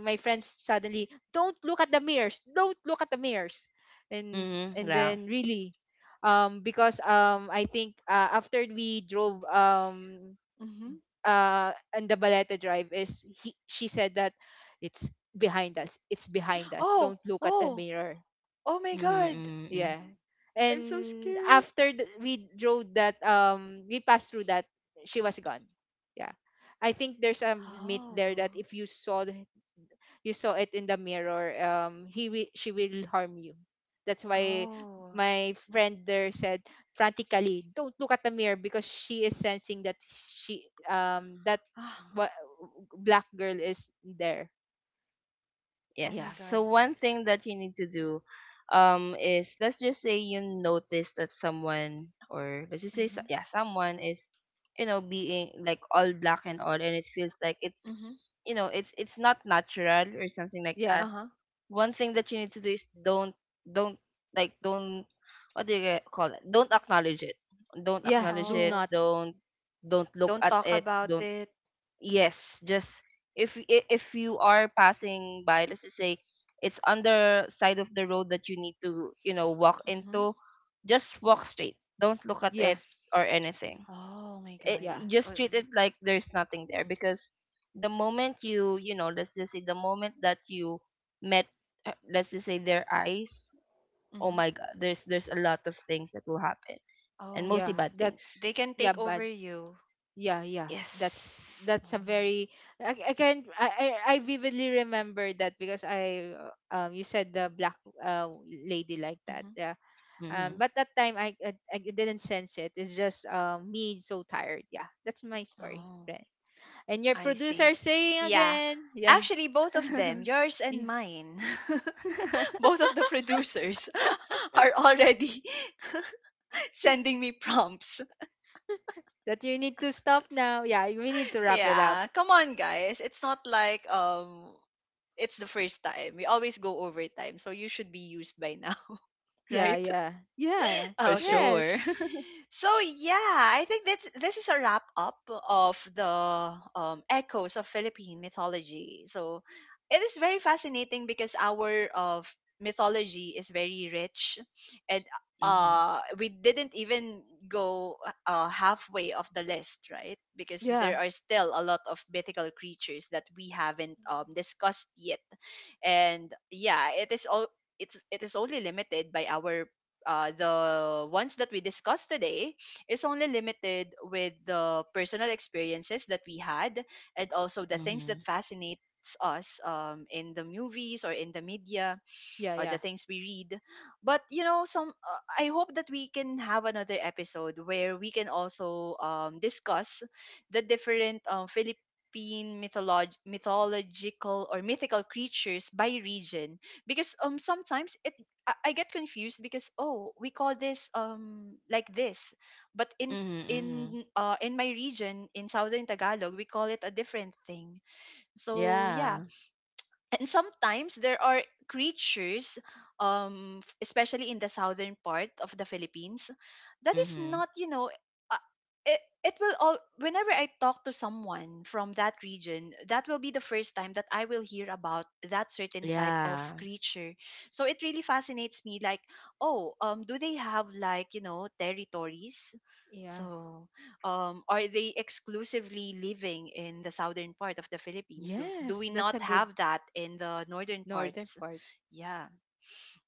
B: my friends suddenly, don't look at the mirrors, don't look at the mirrors, and
C: Mhm.
B: and
C: Yeah.
B: then really, um, because um, I think uh, after we drove um
A: Mhm.
B: uh on the Baleta Drive is he, she said that it's behind us, it's behind us,
A: Oh.
B: don't look at the
A: Oh.
B: mirror,
A: Oh my
C: Mhm.
A: God.
C: Mhm.
B: yeah.
C: Mhm.
A: I'm so
B: And
A: scared.
B: after th- we drove that um, we passed through that, she was gone, yeah. I think there's a myth there
A: Oh.
B: that if you saw the- you saw it in the mirror, um, he will she will harm you. That's why
A: Oh.
B: my friend there said frantically, don't look at the mirror, because she is sensing that she um that
A: Ah,
B: what, black girl is there.
A: oh
C: Yes.
A: my
B: Yeah,
C: So
A: god.
C: one thing that you need to do, um, is, let's just say you notice that someone, or let's just say so-
A: Mhm.
C: yeah, someone is, you know, being like all black and all, and it feels like
A: Mhm.
C: it's, you know, it's it's not natural or something like
B: yeah,
C: that,
A: Uh-huh.
C: one thing that you need to do is don't don't like don't what do you get- call it, don't acknowledge it, don't
B: yeah.
C: acknowledge
B: Do
C: it
A: Oh,
B: not.
C: don't don't look
A: don't
C: at
A: talk
C: it,
A: about
C: don't
A: it.
C: yes just if y- I- if you are passing by, let's just say it's on the side of the road that you need to, you know, walk
A: Mhm.
C: into, just walk straight, don't look at
B: Yeah,
C: it or anything.
A: Oh my
C: It
A: god.
B: yeah,
C: you
A: Uh,
C: just treat it like there's nothing there, because the moment you, you know, let's just say the moment that you met, uh, let's just say their eyes, oh
A: Mhm.
C: my god, there's there's a lot of things that will happen, and
A: Oh,
C: mostly
B: yeah,
C: bad
B: that.
C: things.
A: they can take
B: Yeah,
A: over
B: bad.
A: you.
B: Yeah, yeah, that's
C: Yes.
B: that's a
A: Oh.
B: very. i, I can, I, I I vividly remember that, because I uh, um, you said the black uh lady like that,
A: Mhm.
B: yeah.
C: Mm-hmm.
B: Um, but that time I, I I didn't sense it. It's just um me so tired. Yeah, that's my story.
A: Oh,
B: Right. And your
A: I
B: producer
A: see.
B: saying
A: Yeah.
B: again, yeah,
A: Actually, both of them,
C: [laughs]
A: yours
B: yeah,
A: and mine, [laughs] both of the producers [laughs] are already [laughs] sending me prompts.
B: that you need to stop now. Yeah, we need to wrap it up.
A: Yeah, come on, guys. It's not like um it's the first time. We always go overtime, so you should be used by now, [laughs]
B: Yeah,
A: right?
B: yeah, yeah,
C: For
A: Oh, okay.
C: sure.
B: yes,
C: [laughs]
A: So yeah, I think that's this is a wrap up of the um, echoes of Philippine mythology. So it is very fascinating because our of mythology is very rich, and
C: Mm-hmm.
A: uh, we didn't even go uh, halfway of the list, right? Because
B: yeah,
A: there are still a lot of mythical creatures that we haven't um discussed yet, and yeah, it is all. It's, it is only limited by our uh, the ones that we discussed today is only limited with the personal experiences that we had and also the things
C: Mm-hmm.
A: that fascinates us um, in the movies or in the media
B: yeah,
A: or the
B: yeah,
A: things we read. But you know, some uh, I hope that we can have another episode where we can also um, discuss the different um, Philippine mytholog- mythological or mythical creatures by region, because um sometimes it I, I get confused because oh we call this um like this, but in
C: Mm-hmm. Mm-hmm.
A: in uh in my region in southern Tagalog we call it a different thing, so
C: Yeah.
A: yeah. And sometimes there are creatures um f- especially in the southern part of the Philippines that is
C: Mm-hmm.
A: not, you know, uh, it, it will all whenever I talk to someone from that region that will be the first time that I will hear about that certain type of
C: Yeah.
A: creature, so it really fascinates me, like oh um do they have, like, you know, territories.
B: yeah.
A: So, um, are they exclusively living in the southern part of the Philippines? Do, do
B: Yes,
A: we
B: that's
A: not
B: a good
A: have that in the northern
B: northern
A: parts?
B: part.
A: Yeah.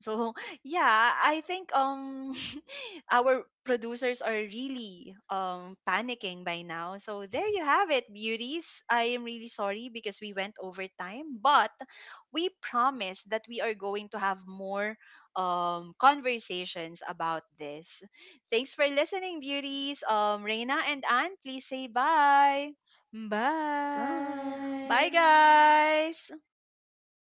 A: So [laughs] yeah, I think um [laughs] our producers are really um panicking by now. So there you have it, beauties. I am really sorry because we went over time, but we promise that we are going to have more um conversations about this. Thanks for listening, beauties. Um Reina and Anne, please say bye.
B: Bye.
C: Bye.
A: Bye guys.